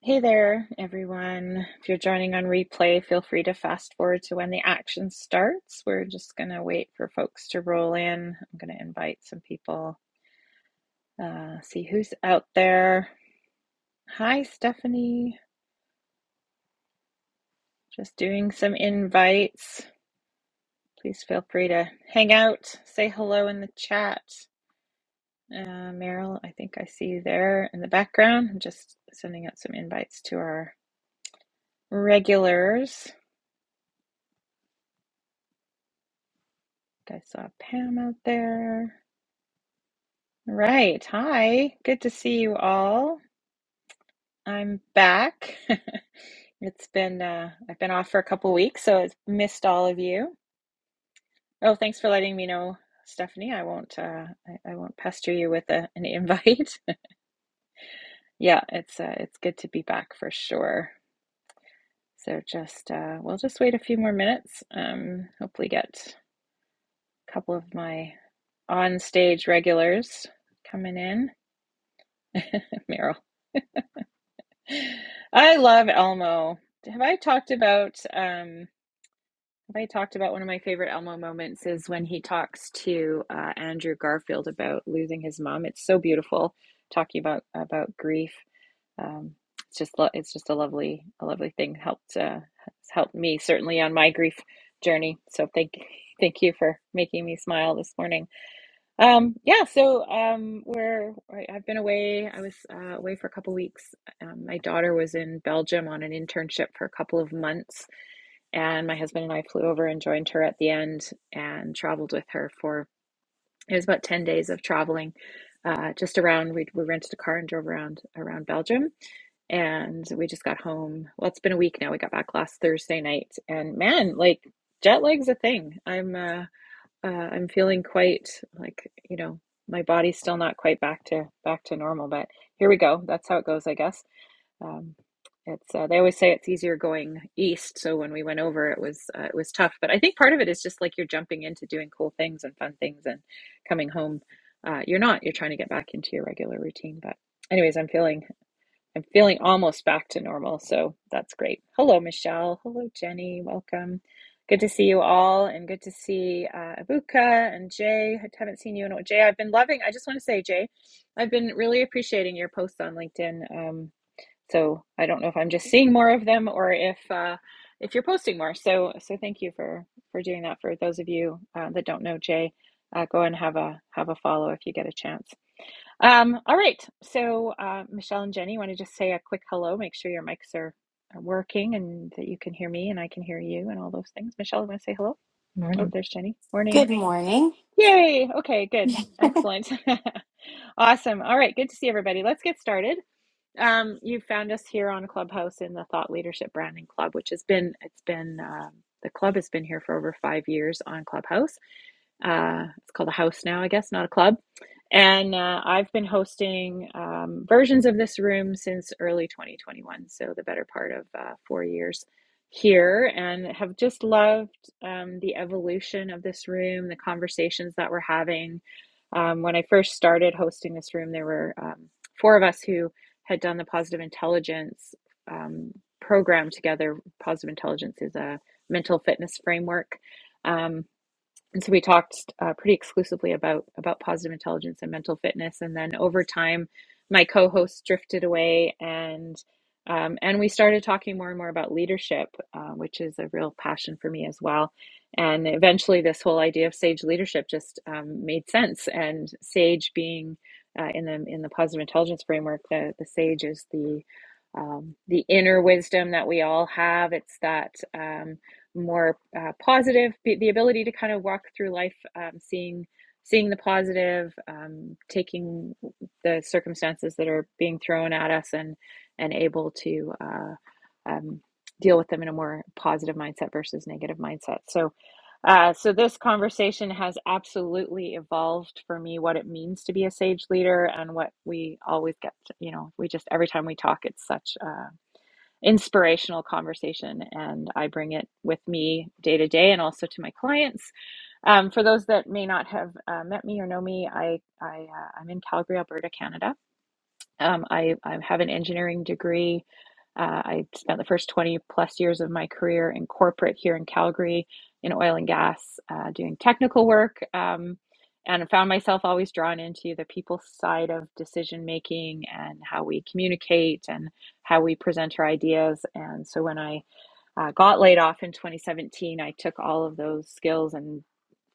Hey there, everyone. If you're joining on replay, feel free to fast forward to when the action starts. We're just going to wait for folks to roll in. I'm going to invite some people, uh, see who's out there. Hi, Stephanie. Just doing some invites. Please feel free to hang out, say hello in the chat. Uh, Meryl, I think I see you there in the background. I'm just sending out some invites to our regulars. I think I saw Pam out there. Right. Hi. Good to see you all. I'm back. It's been uh I've been off for a couple weeks, so I've missed all of you. Oh, thanks for letting me know, Stephanie. I won't uh I, I won't pester you with a, an invite. Yeah, it's uh it's good to be back for sure. So just uh we'll just wait a few more minutes. Um hopefully get a couple of my on stage regulars coming in. Meryl. I love Elmo. Have I talked about um have I talked about one of my favorite Elmo moments is when he talks to uh, Andrew Garfield about losing his mom. It's so beautiful talking about about grief. Um it's just lo- it's just a lovely a lovely thing helped uh has helped me certainly on my grief journey. So thank thank you for making me smile this morning. Um, yeah, so um, we're I- I've been away. I was uh, away for a couple weeks. Um, my daughter was in Belgium on an internship for a couple of months, and my husband and I flew over and joined her at the end and traveled with her for it was about 10 days of traveling uh, just around we, we rented a car and drove around around Belgium and we just got home. Well, it's been a week now. We got back last Thursday night and man, like jet lag's a thing. I'm uh uh, I'm feeling quite like, you know, my body's still not quite back to back to normal, but here we go. That's how it goes, I guess. Um, it's uh, they always say it's easier going east, so when we went over, it was uh, it was tough. But I think part of it is just like you're jumping into doing cool things and fun things, and coming home, uh, you're not. You're trying to get back into your regular routine. But anyways, I'm feeling. I'm feeling almost back to normal, so that's great. Hello, Michelle. Hello, Jenny. Welcome. Good to see you all, and good to see uh, Abuka and Jay. I haven't seen you in a Jay. I've been loving. I just want to say, Jay, I've been really appreciating your posts on LinkedIn. Um, so I don't know if I'm just seeing more of them or if uh, if you're posting more. So so thank you for for doing that. For those of you uh, that don't know Jay, uh, go and have a have a follow if you get a chance. Um, all right. So, uh, Michelle and Jenny, want to just say a quick hello. Make sure your mics are, are working and that you can hear me and I can hear you and all those things. Michelle, want to say hello? Oh, Morning. there's Jenny. Morning. Good morning. Yay. Okay, good. Excellent. awesome. All right. Good to see everybody. Let's get started. Um, you found us here on Clubhouse in the Thought Leadership Branding Club, which has been, it's been, um, the club has been here for over five years on Clubhouse. Uh, it's called a house now, I guess, not a club. And uh, I've been hosting um, versions of this room since early 2021, so the better part of uh, four years here, and have just loved um, the evolution of this room, the conversations that we're having. Um, when I first started hosting this room, there were um, four of us who had done the positive intelligence um, program together. Positive intelligence is a mental fitness framework. Um, and so we talked uh, pretty exclusively about about positive intelligence and mental fitness and then over time my co-host drifted away and um, and we started talking more and more about leadership uh, which is a real passion for me as well and eventually this whole idea of sage leadership just um, made sense and sage being uh, in the in the positive intelligence framework the the sage is the um, the inner wisdom that we all have it's that um, more uh, positive the ability to kind of walk through life um, seeing seeing the positive um, taking the circumstances that are being thrown at us and and able to uh, um, deal with them in a more positive mindset versus negative mindset so uh, so this conversation has absolutely evolved for me what it means to be a sage leader and what we always get to, you know we just every time we talk it's such uh inspirational conversation. And I bring it with me day to day and also to my clients. Um, for those that may not have uh, met me or know me, I, I, uh, I'm in Calgary, Alberta, Canada um, I, I have an engineering degree. Uh, I spent the first 20 plus years of my career in corporate here in Calgary in oil and gas uh, doing technical work. Um, and I found myself always drawn into the people side of decision making and how we communicate and how we present our ideas. And so when I uh, got laid off in 2017, I took all of those skills and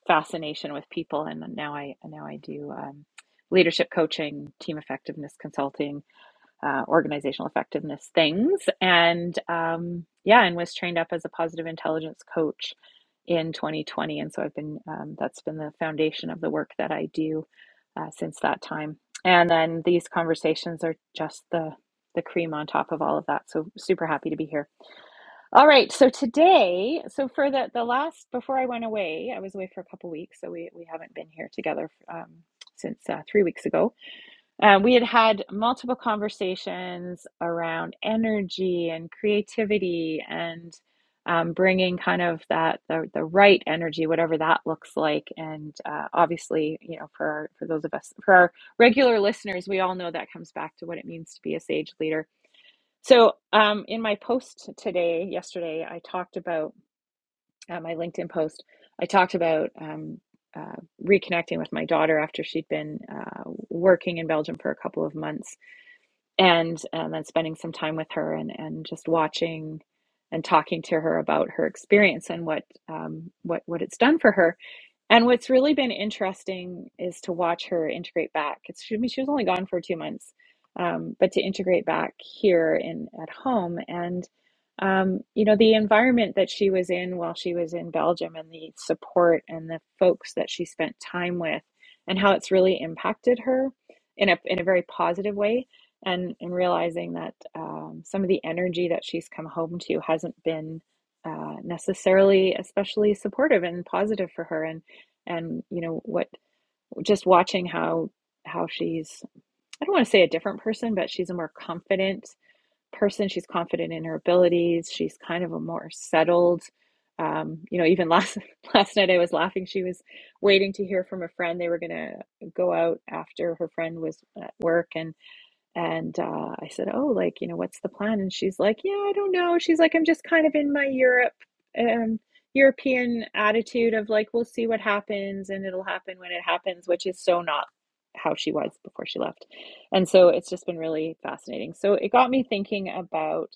fascination with people, and now I now I do um, leadership coaching, team effectiveness consulting, uh, organizational effectiveness things. And um, yeah, and was trained up as a positive intelligence coach in 2020. And so I've been, um, that's been the foundation of the work that I do uh, since that time. And then these conversations are just the, the cream on top of all of that. So super happy to be here. All right. So today, so for the, the last, before I went away, I was away for a couple weeks. So we, we haven't been here together um, since uh, three weeks ago. Uh, we had had multiple conversations around energy and creativity and um, bringing kind of that the, the right energy, whatever that looks like. And uh, obviously, you know, for our, for those of us for our regular listeners, we all know that comes back to what it means to be a sage leader. So, um, in my post today, yesterday, I talked about uh, my LinkedIn post. I talked about um, uh, reconnecting with my daughter after she'd been uh, working in Belgium for a couple of months and and then spending some time with her and and just watching and talking to her about her experience and what um, what what it's done for her and what's really been interesting is to watch her integrate back. It's, she, I mean, she was only gone for two months, um, but to integrate back here in at home, and um, you know the environment that she was in while she was in Belgium, and the support and the folks that she spent time with, and how it's really impacted her in a in a very positive way, and and realizing that um, some of the energy that she's come home to hasn't been uh, necessarily especially supportive and positive for her, and and you know what just watching how how she's i don't want to say a different person but she's a more confident person she's confident in her abilities she's kind of a more settled um, you know even last last night i was laughing she was waiting to hear from a friend they were going to go out after her friend was at work and. And uh, I said, Oh, like, you know, what's the plan? And she's like, Yeah, I don't know. She's like, I'm just kind of in my Europe, um, European attitude of like, we'll see what happens and it'll happen when it happens, which is so not how she was before she left. And so it's just been really fascinating. So it got me thinking about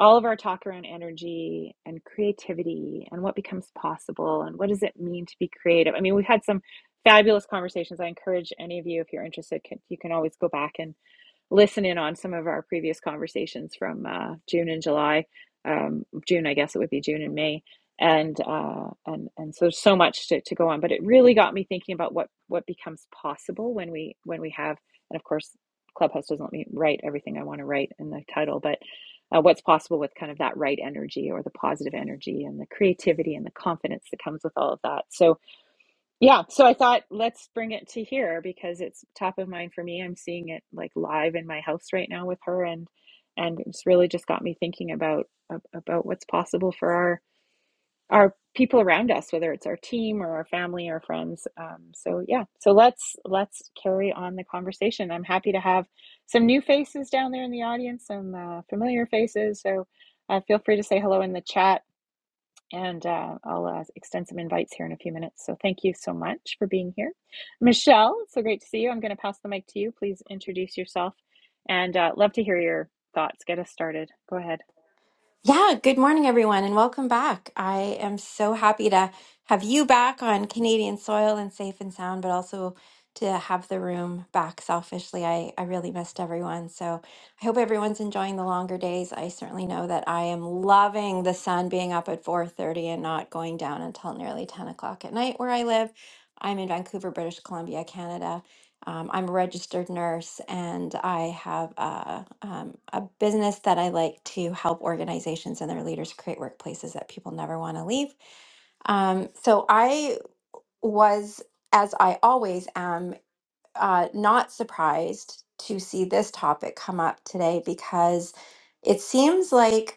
all of our talk around energy and creativity and what becomes possible and what does it mean to be creative. I mean, we've had some fabulous conversations. I encourage any of you, if you're interested, can, you can always go back and listen in on some of our previous conversations from uh, June and July. Um, June, I guess it would be June and May. And uh, and and so there's so much to, to go on, but it really got me thinking about what what becomes possible when we when we have, and of course, Clubhouse doesn't let me write everything I want to write in the title, but uh, what's possible with kind of that right energy or the positive energy and the creativity and the confidence that comes with all of that. So yeah, so I thought let's bring it to here because it's top of mind for me. I'm seeing it like live in my house right now with her and and it's really just got me thinking about ab- about what's possible for our our people around us, whether it's our team or our family or friends. Um, so yeah, so let's let's carry on the conversation. I'm happy to have some new faces down there in the audience, some uh, familiar faces. So uh, feel free to say hello in the chat and uh, I'll uh, extend some invites here in a few minutes. So thank you so much for being here. Michelle, it's so great to see you. I'm going to pass the mic to you. Please introduce yourself and uh, love to hear your thoughts. Get us started. Go ahead. Yeah, good morning, everyone, and welcome back. I am so happy to have you back on Canadian soil and safe and sound, but also to have the room back selfishly. I, I really missed everyone. So I hope everyone's enjoying the longer days. I certainly know that I am loving the sun being up at 4:30 and not going down until nearly 10 o'clock at night where I live. I'm in Vancouver, British Columbia, Canada. Um, I'm a registered nurse and I have a, um, a business that I like to help organizations and their leaders create workplaces that people never want to leave. Um, so I was, as I always am, uh, not surprised to see this topic come up today because it seems like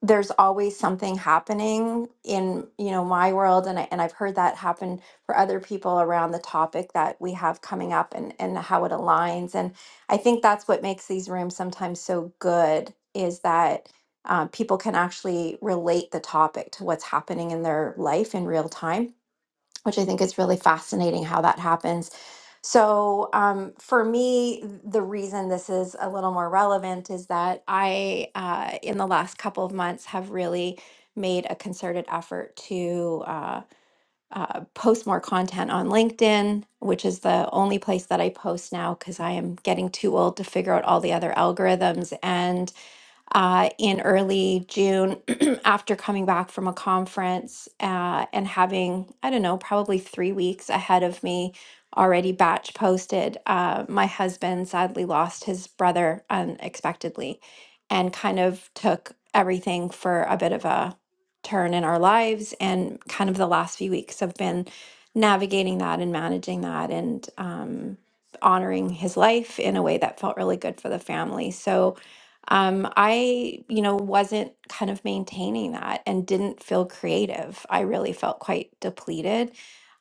there's always something happening in you know my world and, I, and i've heard that happen for other people around the topic that we have coming up and, and how it aligns and i think that's what makes these rooms sometimes so good is that uh, people can actually relate the topic to what's happening in their life in real time which i think is really fascinating how that happens so, um, for me, the reason this is a little more relevant is that I, uh, in the last couple of months, have really made a concerted effort to uh, uh, post more content on LinkedIn, which is the only place that I post now because I am getting too old to figure out all the other algorithms. and uh, in early June after coming back from a conference uh, and having, I don't know, probably three weeks ahead of me already batch posted. Uh, my husband sadly lost his brother unexpectedly and kind of took everything for a bit of a turn in our lives. And kind of the last few weeks have been navigating that and managing that and um, honoring his life in a way that felt really good for the family. So, um, I, you know, wasn't kind of maintaining that and didn't feel creative. I really felt quite depleted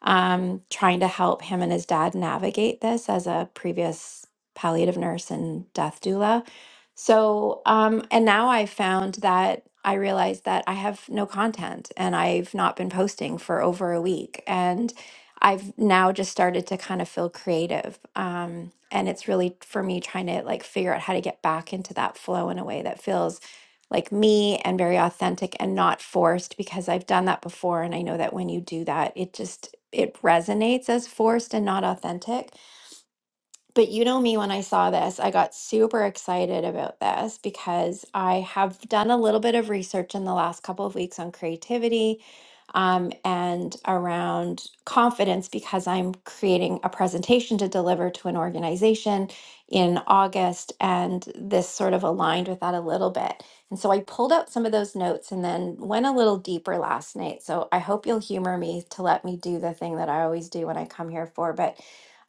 um, trying to help him and his dad navigate this as a previous palliative nurse and death doula. So, um, and now I found that I realized that I have no content and I've not been posting for over a week. I've now just started to kind of feel creative. Um, and it's really for me trying to like figure out how to get back into that flow in a way that feels like me and very authentic and not forced because I've done that before. And I know that when you do that, it just, it resonates as forced and not authentic. But you know me, when I saw this, I got super excited about this because I have done a little bit of research in the last couple of weeks on creativity um, and around confidence because I'm creating a presentation to deliver to an organization in August. And this sort of aligned with that a little bit. And so I pulled out some of those notes and then went a little deeper last night. So I hope you'll humor me to let me do the thing that I always do when I come here for. But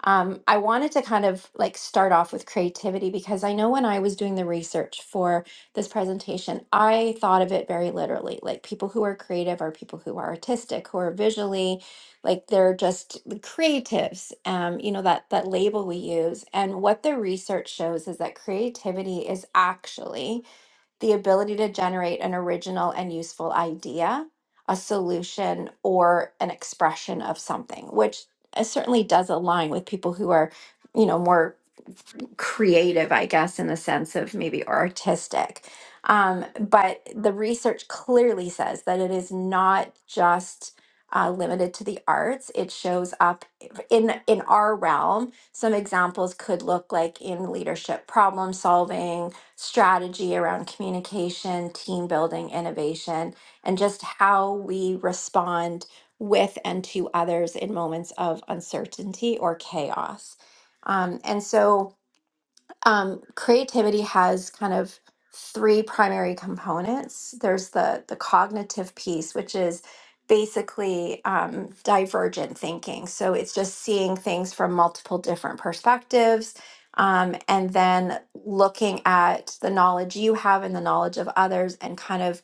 um, I wanted to kind of like start off with creativity because I know when I was doing the research for this presentation, I thought of it very literally. Like people who are creative are people who are artistic, who are visually, like they're just creatives. Um, you know that that label we use. And what the research shows is that creativity is actually the ability to generate an original and useful idea, a solution, or an expression of something, which uh, certainly does align with people who are, you know, more creative, I guess, in the sense of maybe artistic. Um, but the research clearly says that it is not just uh, limited to the arts. It shows up in in our realm. Some examples could look like in leadership, problem solving, strategy around communication, team building, innovation, and just how we respond with and to others in moments of uncertainty or chaos. Um, and so um, creativity has kind of three primary components. There's the the cognitive piece, which is basically um, divergent thinking. So it's just seeing things from multiple different perspectives, um, and then looking at the knowledge you have and the knowledge of others, and kind of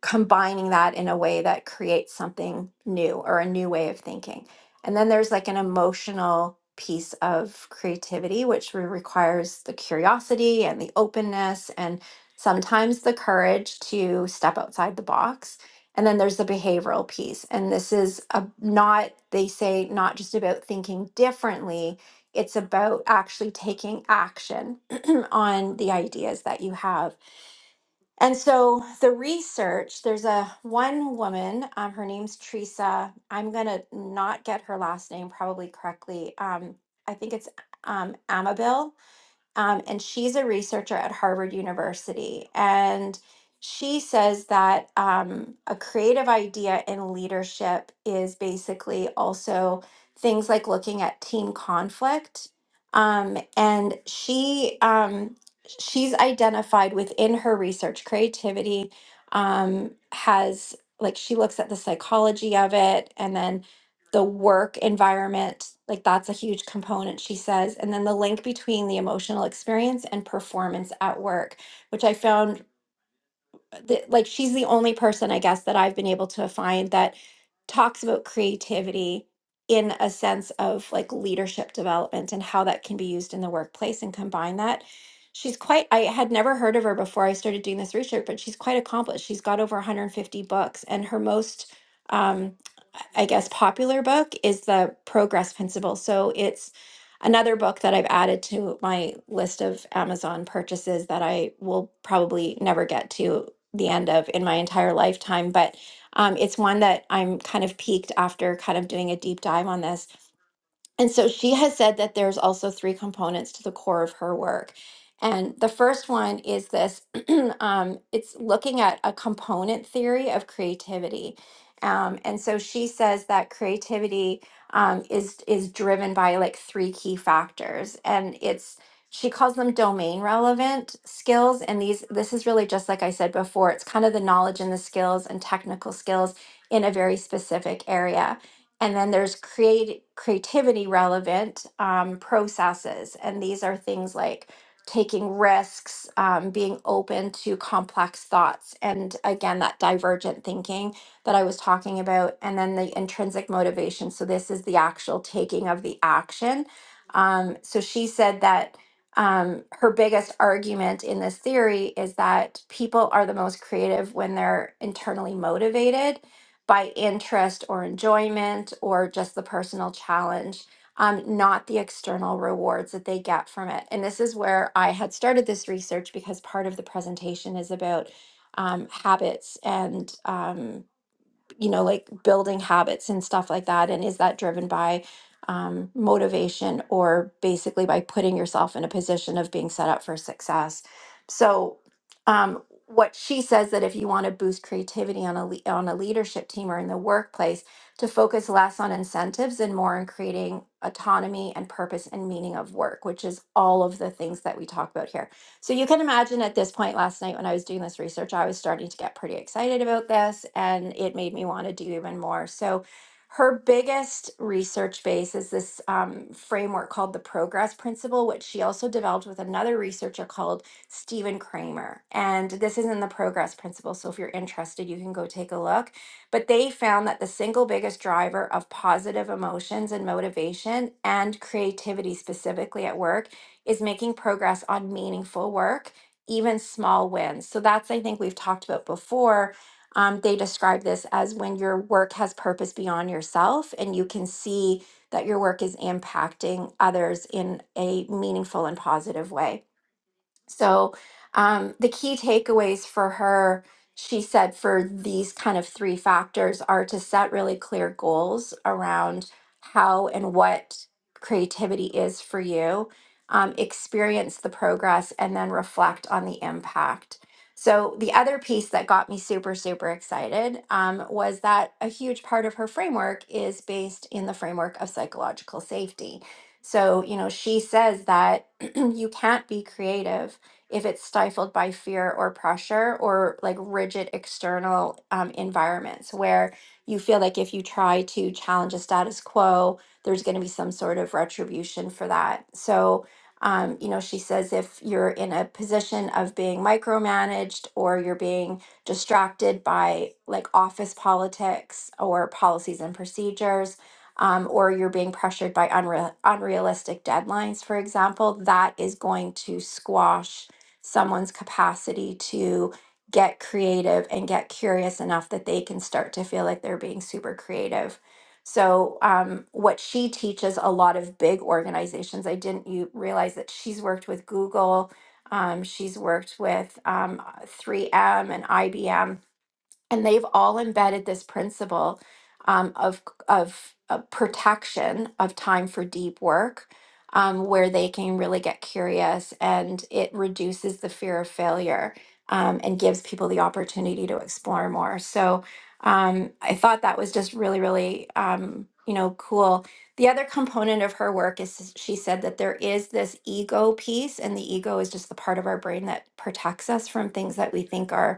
combining that in a way that creates something new or a new way of thinking. And then there's like an emotional piece of creativity, which re- requires the curiosity and the openness and sometimes the courage to step outside the box. And then there's the behavioral piece. And this is a, not, they say, not just about thinking differently, it's about actually taking action on the ideas that you have and so the research, there's a one woman, um, her name's Teresa. I'm gonna not get her last name probably correctly. Um, I think it's um, Amabil um, and she's a researcher at Harvard University. And she says that um, a creative idea in leadership is basically also things like looking at team conflict. Um, and she um, she's identified within her research creativity um, has like she looks at the psychology of it and then the work environment like that's a huge component she says and then the link between the emotional experience and performance at work which i found uh, that like she's the only person i guess that i've been able to find that talks about creativity in a sense of like leadership development and how that can be used in the workplace and combine that she's quite i had never heard of her before i started doing this research but she's quite accomplished she's got over 150 books and her most um, I guess, popular book is the Progress Principle. So it's another book that I've added to my list of Amazon purchases that I will probably never get to the end of in my entire lifetime. But um, it's one that I'm kind of peaked after kind of doing a deep dive on this and so she has said that there's also three components to the core of her work. And the first one is this um, it's looking at a component theory of creativity. Um, and so she says that creativity um, is is driven by like three key factors, and it's she calls them domain relevant skills. And these this is really just like I said before, it's kind of the knowledge and the skills and technical skills in a very specific area. And then there's create creativity relevant um, processes, and these are things like taking risks, um, being open to complex thoughts, and again that divergent thinking that I was talking about, and then the intrinsic motivation. So this is the actual taking of the action. Um, so she said that um, her biggest argument in this theory is that people are the most creative when they're internally motivated by interest or enjoyment or just the personal challenge, um, not the external rewards that they get from it. And this is where I had started this research because part of the presentation is about um, habits and. Um, you know, like building habits and stuff like that? And is that driven by um, motivation or basically by putting yourself in a position of being set up for success? So, um, what she says that if you want to boost creativity on a le- on a leadership team or in the workplace, to focus less on incentives and more on creating autonomy and purpose and meaning of work, which is all of the things that we talk about here so you can imagine at this point last night when I was doing this research, I was starting to get pretty excited about this and it made me want to do even more. So her biggest research base is this um, framework called the progress principle, which she also developed with another researcher called Stephen Kramer. And this is in the progress principle. So if you're interested, you can go take a look. But they found that the single biggest driver of positive emotions and motivation and creativity, specifically at work, is making progress on meaningful work, even small wins. So that's, I think, we've talked about before. Um, they describe this as when your work has purpose beyond yourself and you can see that your work is impacting others in a meaningful and positive way. So, um, the key takeaways for her, she said, for these kind of three factors are to set really clear goals around how and what creativity is for you, um, experience the progress, and then reflect on the impact. So, the other piece that got me super, super excited um, was that a huge part of her framework is based in the framework of psychological safety. So, you know, she says that you can't be creative if it's stifled by fear or pressure or like rigid external um, environments where you feel like if you try to challenge a status quo, there's going to be some sort of retribution for that. So, um, you know, she says if you're in a position of being micromanaged or you're being distracted by like office politics or policies and procedures, um, or you're being pressured by unreal unrealistic deadlines, for example, that is going to squash someone's capacity to get creative and get curious enough that they can start to feel like they're being super creative. So, um, what she teaches a lot of big organizations, I didn't you realize that she's worked with Google, um, she's worked with um, 3M and IBM and they've all embedded this principle um, of of uh, protection of time for deep work, um, where they can really get curious, and it reduces the fear of failure um, and gives people the opportunity to explore more. So um, I thought that was just really, really um, you know cool. The other component of her work is she said that there is this ego piece, and the ego is just the part of our brain that protects us from things that we think are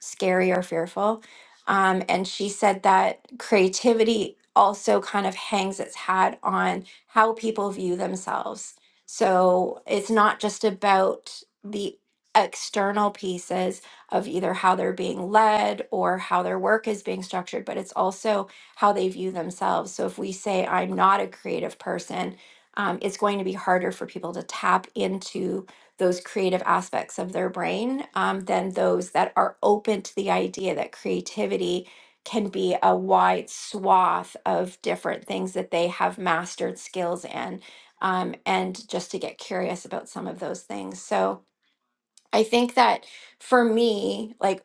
scary or fearful. Um, and she said that creativity also kind of hangs its hat on how people view themselves. So it's not just about the external pieces of either how they're being led or how their work is being structured, but it's also how they view themselves. So if we say, I'm not a creative person, um, it's going to be harder for people to tap into those creative aspects of their brain um, than those that are open to the idea that creativity can be a wide swath of different things that they have mastered skills in, um, and just to get curious about some of those things. So I think that for me, like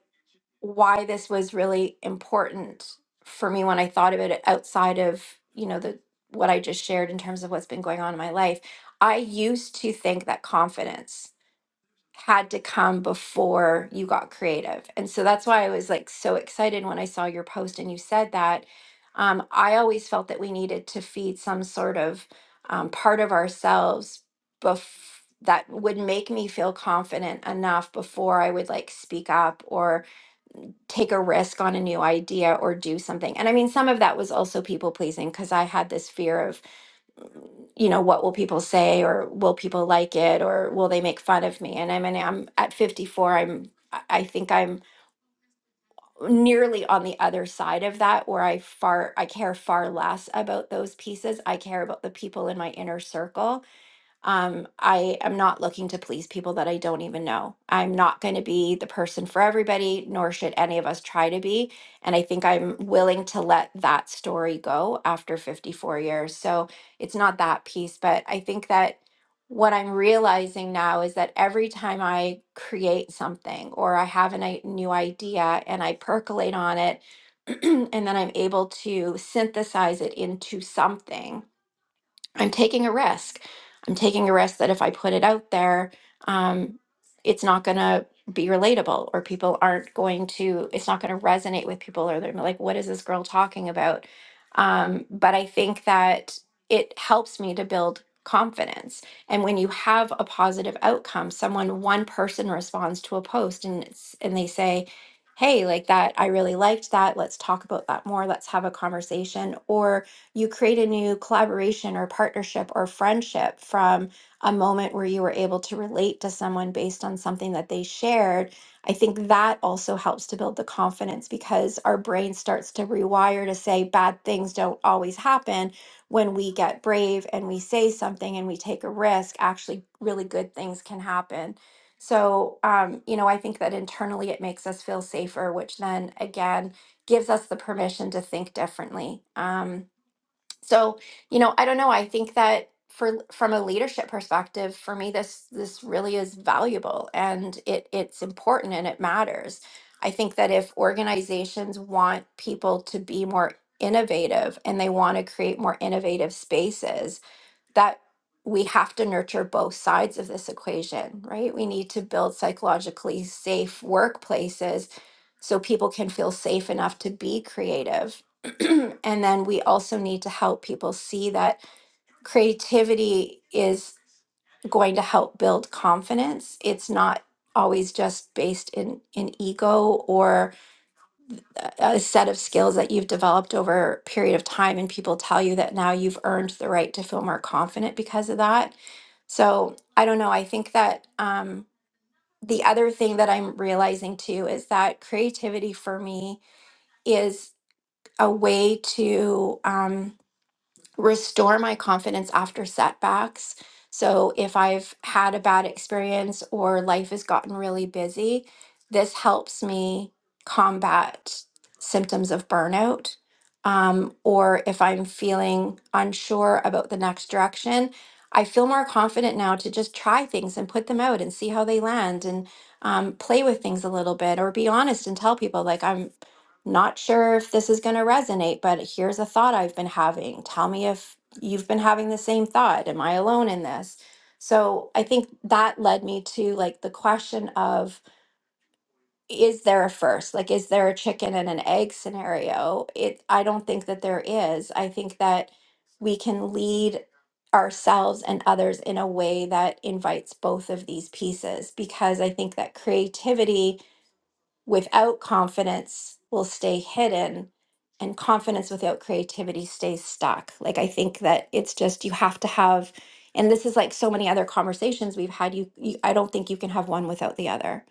why this was really important for me when I thought about it outside of, you know, the what I just shared in terms of what's been going on in my life, I used to think that confidence had to come before you got creative. And so that's why I was like so excited when I saw your post and you said that. Um, I always felt that we needed to feed some sort of um, part of ourselves bef- that would make me feel confident enough before I would like speak up or take a risk on a new idea or do something. And I mean, some of that was also people pleasing because I had this fear of you know, what will people say or will people like it or will they make fun of me? And I mean, I'm at 54, I'm I I think I'm nearly on the other side of that where I far I care far less about those pieces. I care about the people in my inner circle um, I am not looking to please people that I don't even know. I'm not going to be the person for everybody, nor should any of us try to be. And I think I'm willing to let that story go after 54 years. So it's not that piece, but I think that what I'm realizing now is that every time I create something or I have a ni- new idea and I percolate on it, and then I'm able to synthesize it into something I'm taking a risk. I'm taking a risk that if I put it out there, um, it's not going to be relatable or people aren't going to, it's not going to resonate with people or they're gonna be like, what is this girl talking about? Um, but I think that it helps me to build confidence. And when you have a positive outcome, someone, one person responds to a post and it's, and they say, Hey, like that, I really liked that. Let's talk about that more. Let's have a conversation. Or you create a new collaboration or partnership or friendship from a moment where you were able to relate to someone based on something that they shared. I think that also helps to build the confidence because our brain starts to rewire to say bad things don't always happen when we get brave and we say something and we take a risk. Actually, really good things can happen. So, um, you know, I think that internally it makes us feel safer, which then again gives us the permission to think differently. Um, so you know i don't know i think that for from a leadership perspective for me this this really is valuable and it it's important and it matters i think that if organizations want people to be more innovative and they want to create more innovative spaces that we have to nurture both sides of this equation, right? We need to build psychologically safe workplaces so people can feel safe enough to be creative. and then we also need to help people see that creativity is going to help build confidence. It's not always just based in in ego or a set of skills that you've developed over a period of time and people tell you that now you've earned the right to feel more confident because of that so i don't know i think that um, the other thing that i'm realizing too is that creativity for me is a way to um, restore my confidence after setbacks. So if I've had a bad experience or life has gotten really busy, this helps me combat symptoms of burnout. Um, or if I'm feeling unsure about the next direction, I feel more confident now to just try things and put them out and see how they land and um, play with things a little bit or be honest and tell people like I'm. Not sure if this is going to resonate, but here's a thought I've been having. Tell me if you've been having the same thought. Am I alone in this? So I think that led me to like the question of is there a first? Like, is there a chicken and an egg scenario? It, I don't think that there is. I think that we can lead ourselves and others in a way that invites both of these pieces because I think that creativity without confidence will stay hidden and confidence without creativity stays stuck like i think that it's just you have to have and this is like so many other conversations we've had you, you i don't think you can have one without the other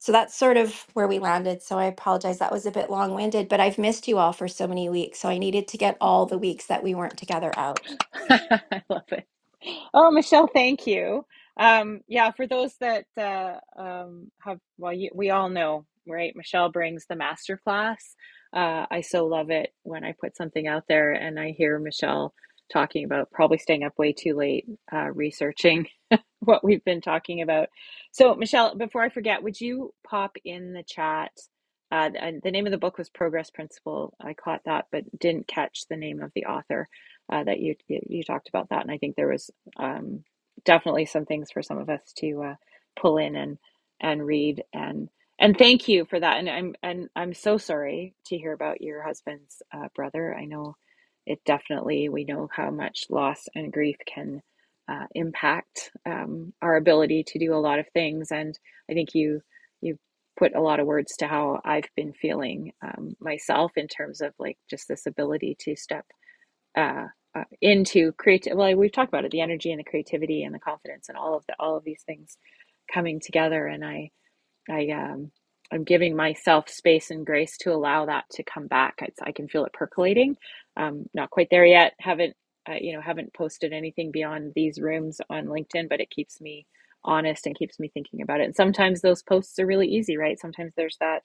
so that's sort of where we landed so i apologize that was a bit long-winded but i've missed you all for so many weeks so i needed to get all the weeks that we weren't together out I love it. Oh, Michelle, thank you. Um, yeah, for those that uh, um, have, well, you, we all know, right? Michelle brings the masterclass. Uh, I so love it when I put something out there and I hear Michelle talking about probably staying up way too late uh, researching what we've been talking about. So, Michelle, before I forget, would you pop in the chat? Uh, the, the name of the book was Progress Principle. I caught that, but didn't catch the name of the author uh, that you, you you talked about that. And I think there was um, definitely some things for some of us to uh, pull in and and read and and thank you for that. And I'm and I'm so sorry to hear about your husband's uh, brother. I know it definitely we know how much loss and grief can uh, impact um, our ability to do a lot of things. And I think you you put a lot of words to how I've been feeling um, myself in terms of like just this ability to step uh, uh, into creative. Well, we've talked about it, the energy and the creativity and the confidence and all of the all of these things coming together. And I I um I'm giving myself space and grace to allow that to come back. It's, I can feel it percolating. Um, not quite there yet. Haven't uh, you know haven't posted anything beyond these rooms on LinkedIn, but it keeps me honest and keeps me thinking about it. And sometimes those posts are really easy, right? Sometimes there's that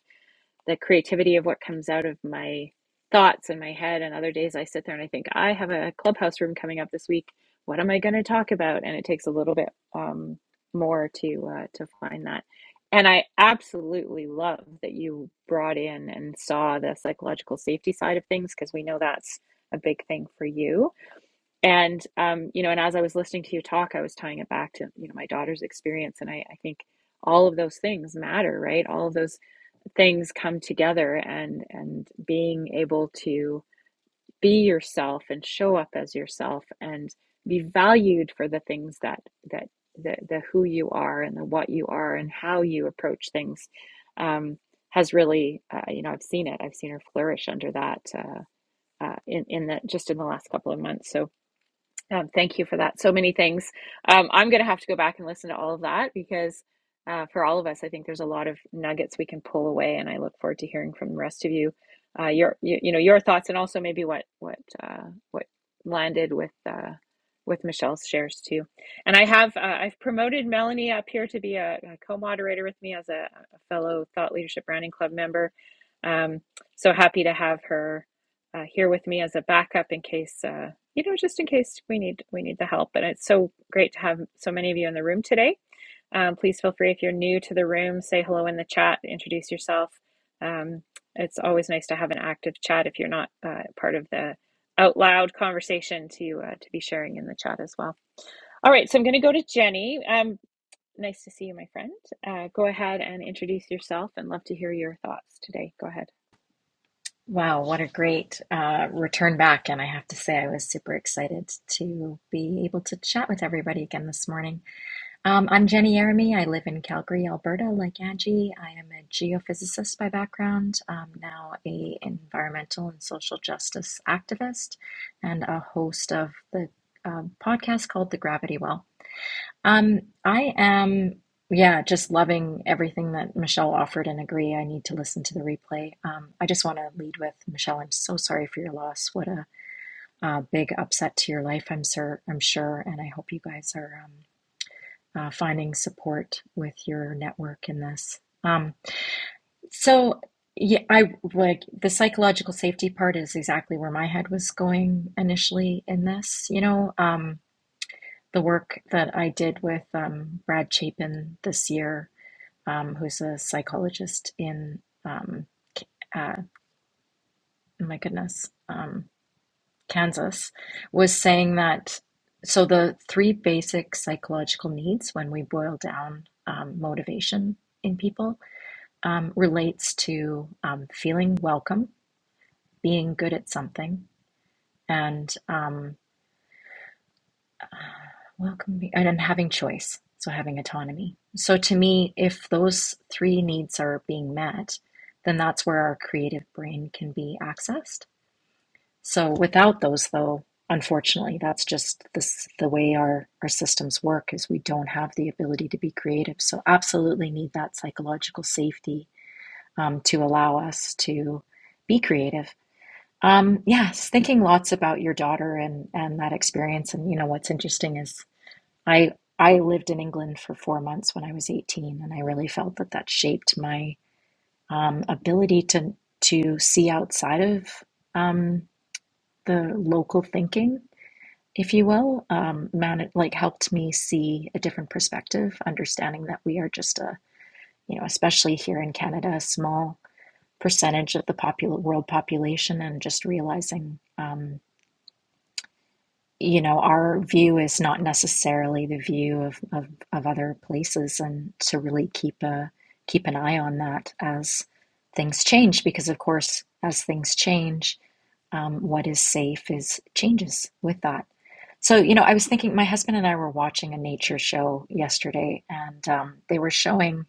the creativity of what comes out of my thoughts in my head. And other days I sit there and I think, I have a clubhouse room coming up this week. What am I going to talk about? And it takes a little bit um, more to uh, to find that. And I absolutely love that you brought in and saw the psychological safety side of things because we know that's a big thing for you. And um, you know, and as I was listening to you talk, I was tying it back to you know my daughter's experience, and I, I think all of those things matter, right? All of those things come together and and being able to be yourself and show up as yourself and be valued for the things that that the, the who you are and the what you are and how you approach things um, has really uh, you know I've seen it I've seen her flourish under that uh, uh, in in the just in the last couple of months so um, thank you for that. So many things. Um, I'm going to have to go back and listen to all of that because uh, for all of us, I think there's a lot of nuggets we can pull away, and I look forward to hearing from the rest of you, uh, your you, you know your thoughts, and also maybe what what uh, what landed with uh, with Michelle's shares too. And I have uh, I've promoted Melanie up here to be a, a co-moderator with me as a, a fellow Thought Leadership Branding Club member. Um, so happy to have her uh, here with me as a backup in case. Uh, you know, just in case we need we need the help. And it's so great to have so many of you in the room today. Um, please feel free if you're new to the room, say hello in the chat, introduce yourself. Um, it's always nice to have an active chat if you're not uh, part of the out loud conversation to uh, to be sharing in the chat as well. All right, so I'm going to go to Jenny. Um, nice to see you, my friend. Uh, go ahead and introduce yourself, and love to hear your thoughts today. Go ahead. Wow, what a great uh, return back. And I have to say, I was super excited to be able to chat with everybody again this morning. Um, I'm Jenny Yeremy. I live in Calgary, Alberta, like Angie. I am a geophysicist by background, um, now a environmental and social justice activist, and a host of the um, podcast called The Gravity Well. Um, I am, yeah, just loving everything that Michelle offered and agree. I need to listen to the replay. Um, I just want to lead with Michelle. I'm so sorry for your loss. What a uh, big upset to your life, I'm sure, I'm sure, and I hope you guys are um, uh, finding support with your network in this. Um, so yeah, I like the psychological safety part is exactly where my head was going initially in this, you know. Um, the work that I did with um, Brad Chapin this year, um, who's a psychologist in, um, uh, oh my goodness, um, Kansas, was saying that so the three basic psychological needs, when we boil down um, motivation in people, um, relates to um, feeling welcome, being good at something, and um, Welcome, and then having choice, so having autonomy. So to me, if those three needs are being met, then that's where our creative brain can be accessed. So without those, though, unfortunately, that's just this the way our our systems work is we don't have the ability to be creative. So absolutely need that psychological safety um, to allow us to be creative. Um, yes, thinking lots about your daughter and and that experience, and you know what's interesting is I I lived in England for four months when I was 18, and I really felt that that shaped my um, ability to to see outside of um, the local thinking, if you will. Um, man, it like helped me see a different perspective, understanding that we are just a you know, especially here in Canada, a small percentage of the popul world population, and just realizing. Um, you know, our view is not necessarily the view of, of, of other places and to really keep a keep an eye on that as things change because of course as things change, um, what is safe is changes with that. So, you know, I was thinking my husband and I were watching a nature show yesterday and um, they were showing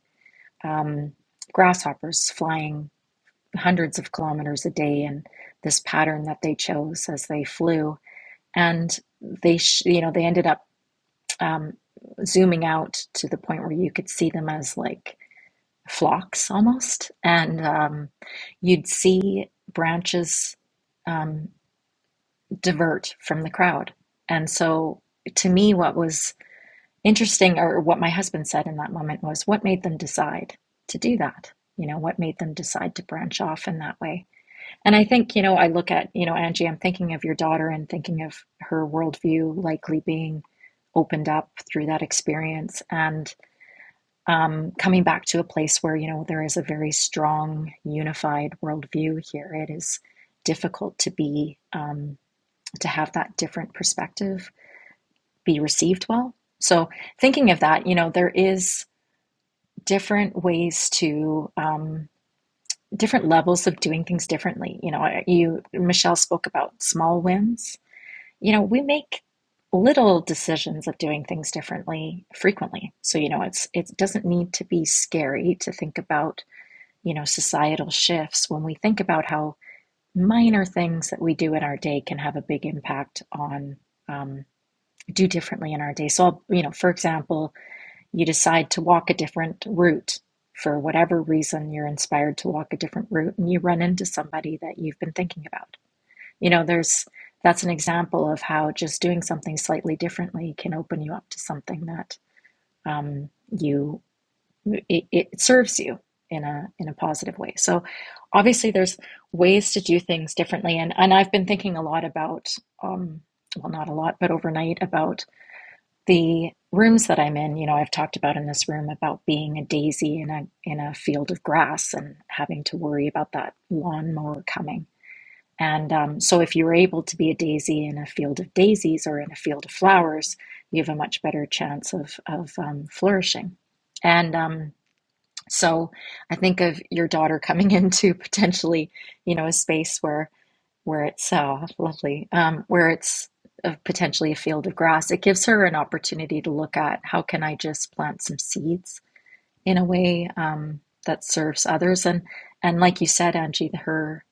um, grasshoppers flying hundreds of kilometers a day in this pattern that they chose as they flew and they sh- you know they ended up um, zooming out to the point where you could see them as like flocks almost and um, you'd see branches um, divert from the crowd and so to me what was interesting or what my husband said in that moment was what made them decide to do that you know what made them decide to branch off in that way and I think, you know, I look at, you know, Angie, I'm thinking of your daughter and thinking of her worldview likely being opened up through that experience and um, coming back to a place where, you know, there is a very strong, unified worldview here. It is difficult to be, um, to have that different perspective be received well. So thinking of that, you know, there is different ways to. Um, different levels of doing things differently. You know, you Michelle spoke about small wins. You know, we make little decisions of doing things differently frequently. So, you know, it's it doesn't need to be scary to think about, you know, societal shifts when we think about how minor things that we do in our day can have a big impact on um, do differently in our day. So, I'll, you know, for example, you decide to walk a different route for whatever reason you're inspired to walk a different route and you run into somebody that you've been thinking about you know there's that's an example of how just doing something slightly differently can open you up to something that um, you it, it serves you in a in a positive way so obviously there's ways to do things differently and and i've been thinking a lot about um well not a lot but overnight about the rooms that I'm in, you know, I've talked about in this room about being a daisy in a in a field of grass and having to worry about that lawnmower coming. And um, so, if you're able to be a daisy in a field of daisies or in a field of flowers, you have a much better chance of of um, flourishing. And um, so, I think of your daughter coming into potentially, you know, a space where where it's so lovely, um, where it's uh, potentially a field of grass, it gives her an opportunity to look at how can I just plant some seeds in a way um, that serves others. And and like you said, Angie, her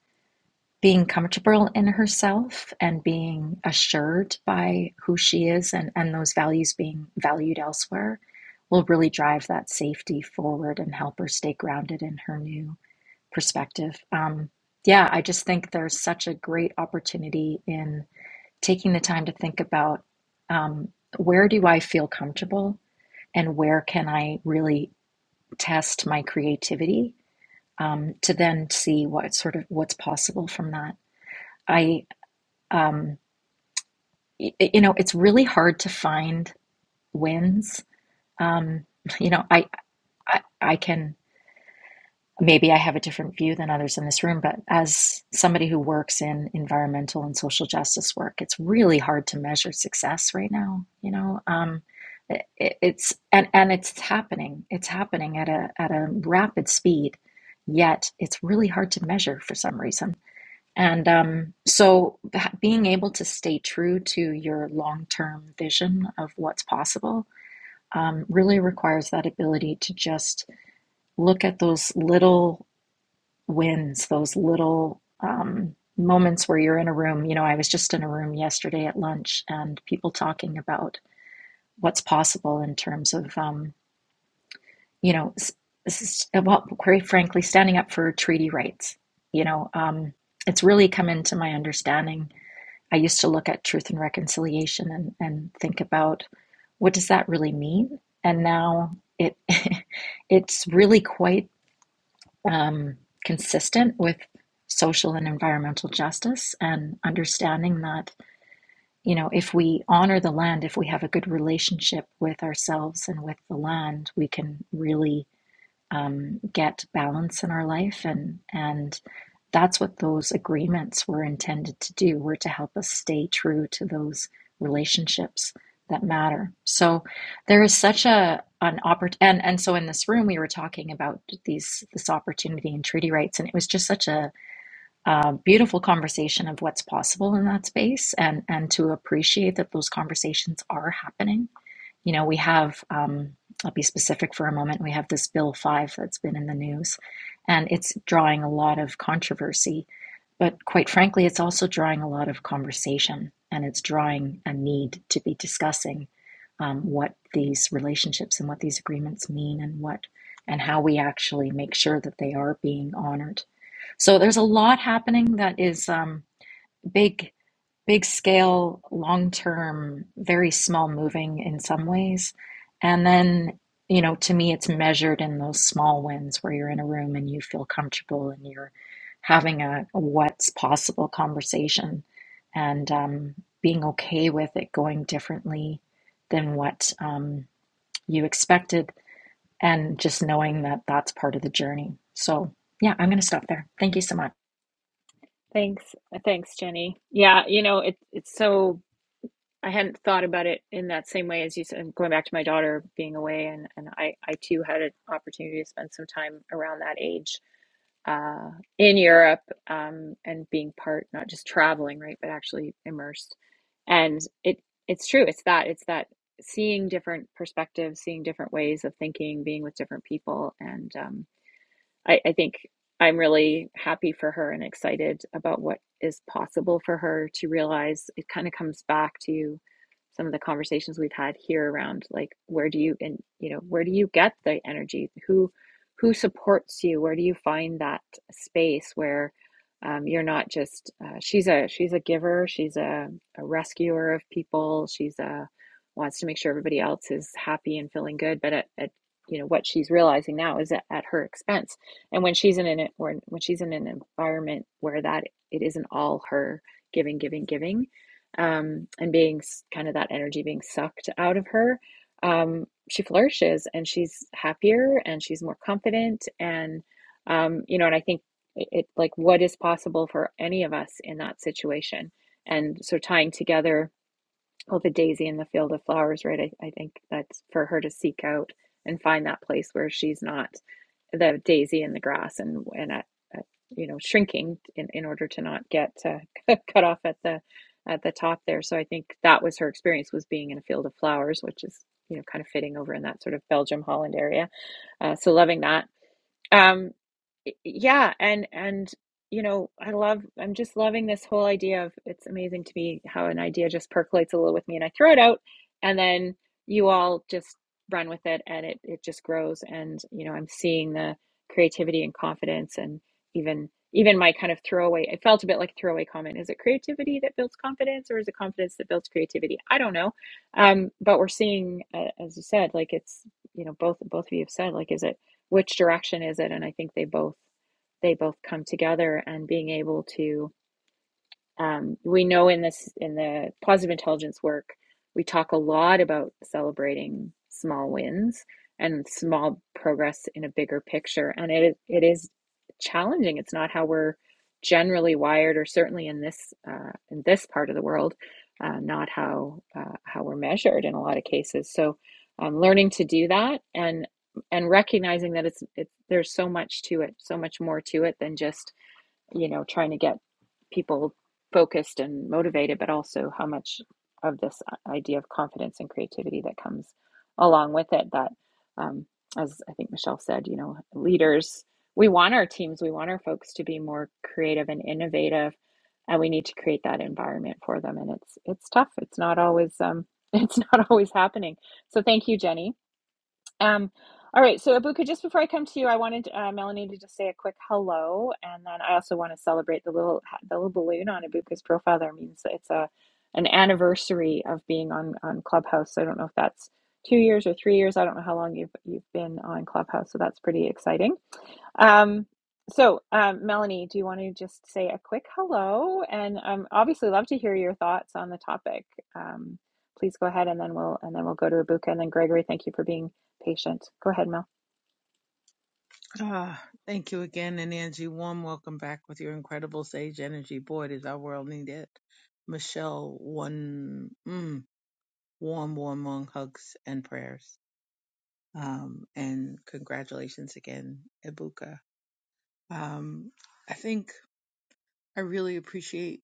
being comfortable in herself and being assured by who she is and, and those values being valued elsewhere will really drive that safety forward and help her stay grounded in her new perspective. Um, yeah, I just think there's such a great opportunity in taking the time to think about um, where do I feel comfortable and where can I really test my creativity um, to then see what sort of what's possible from that. I, um, y- you know, it's really hard to find wins. Um, you know, I, I, I can. maybe I have a different view than others in this room, but as somebody who works in environmental and social justice work, it's really hard to measure success right now. You know, um, it, it's and and it's happening. It's happening at a at a rapid speed. Yet it's really hard to measure for some reason. And um, so being able to stay true to your long term vision of what's possible um, really requires that ability to just look at those little wins, those little um, moments where you're in a room. You know, I was just in a room yesterday at lunch and people talking about what's possible in terms of, um, you know, well, quite frankly, standing up for treaty rights. You know, um, it's really come into my understanding. I used to look at truth and reconciliation and, and think about what does that really mean? And now it it's really quite um, consistent with social and environmental justice and understanding that you know if we honor the land if we have a good relationship with ourselves and with the land we can really um, get balance in our life and and that's what those agreements were intended to do were to help us stay true to those relationships that matter so there is such a an opportunity, and and so in this room we were talking about these this opportunity and treaty rights and it was just such a, uh beautiful conversation of what's possible in that space and and to appreciate that those conversations are happening you know, we have, um, I'll be specific for a moment, we have this Bill 5 that's been in the news, and it's drawing a lot of controversy. But quite frankly, it's also drawing a lot of conversation, and it's drawing a need to be discussing um, what these relationships and what these agreements mean and what and how we actually make sure that they are being honored. So there's a lot happening that is um, big big scale, long term, very small moving in some ways. And then, you know, to me, it's measured in those small wins where you're in a room and you feel comfortable and you're having a, a what's possible conversation and um, being okay with it going differently than what um, you expected and just knowing that that's part of the journey. So, yeah, I'm going to stop there. Thank you so much. Thanks, thanks, Jenny. Yeah, you know, it, it's so I hadn't thought about it in that same way as you said, going back to my daughter being away, and, and I, I too had an opportunity to spend some time around that age uh, in Europe um, and being part, not just traveling, right, but actually immersed. And it it's true, it's that, it's that seeing different perspectives, seeing different ways of thinking, being with different people, and um, I, I think I'm really happy for her and excited about what is possible for her to realize. It kind of comes back to some of the conversations we've had here around like where do you and you know where do you get the energy? Who who supports you? Where do you find that space where um, you're not just uh, she's a she's a giver. She's a, a rescuer of people. She's a wants to make sure everybody else is happy and feeling good. But at, at you know what she's realizing now is at, at her expense and when she's in an when when she's in an environment where that it isn't all her giving, giving, giving, um, and being kind of that energy being sucked out of her, um, she flourishes and she's happier and she's more confident and um, you know, and I think it, it like what is possible for any of us in that situation. And so tying together oh, the daisy in the field of flowers, right? I, I think that's for her to seek out and find that place where she's not the daisy in the grass and and at, at you know shrinking in, in order to not get uh, cut off at the at the top there. So I think that was her experience was being in a field of flowers, which is you know kind of fitting over in that sort of Belgium Holland area. Uh, so loving that. Um, y- yeah and and you know i love i'm just loving this whole idea of it's amazing to me how an idea just percolates a little with me and i throw it out and then you all just run with it and it it just grows and you know i'm seeing the creativity and confidence and even even my kind of throwaway it felt a bit like a throwaway comment is it creativity that builds confidence or is it confidence that builds creativity i don't know um but we're seeing uh, as you said like it's you know both both of you have said like is it which direction is it and i think they both they both come together and being able to um, we know in this in the positive intelligence work, we talk a lot about celebrating small wins and small progress in a bigger picture, and it it is challenging. It's not how we're generally wired, or certainly in this uh, in this part of the world, uh, not how uh, how we're measured in a lot of cases. So, um, learning to do that and and recognizing that it's it, there's so much to it, so much more to it than just you know, trying to get people focused and motivated, but also how much of this uh, idea of confidence and creativity that comes along with it. That, um, as I think Michelle said, you know, leaders, we want our teams, we want our folks to be more creative and innovative, and we need to create that environment for them. And it's it's tough. It's not always um, it's not always happening. So thank you, Jenny um, all right, so Abuka, just before I come to you, I wanted uh, Melanie to just say a quick hello, and then I also want to celebrate the little the little balloon on Abuka's profile. There means that it's a an anniversary of being on on Clubhouse. So I don't know if that's two years or three years. I don't know how long you've you've been on Clubhouse, so that's pretty exciting. Um, so, um, Melanie, do you want to just say a quick hello? And um, obviously, love to hear your thoughts on the topic. Um, please go ahead, and then we'll and then we'll go to Abuka, and then Gregory. Thank you for being patient. Go ahead, Mel. Ah, thank you again, and Angie, warm welcome back with your incredible sage energy. Boy, does our world need it. Michelle, one mm, warm, warm, warm hugs and prayers. Um, and congratulations again, Ibuka. Um, I think I really appreciate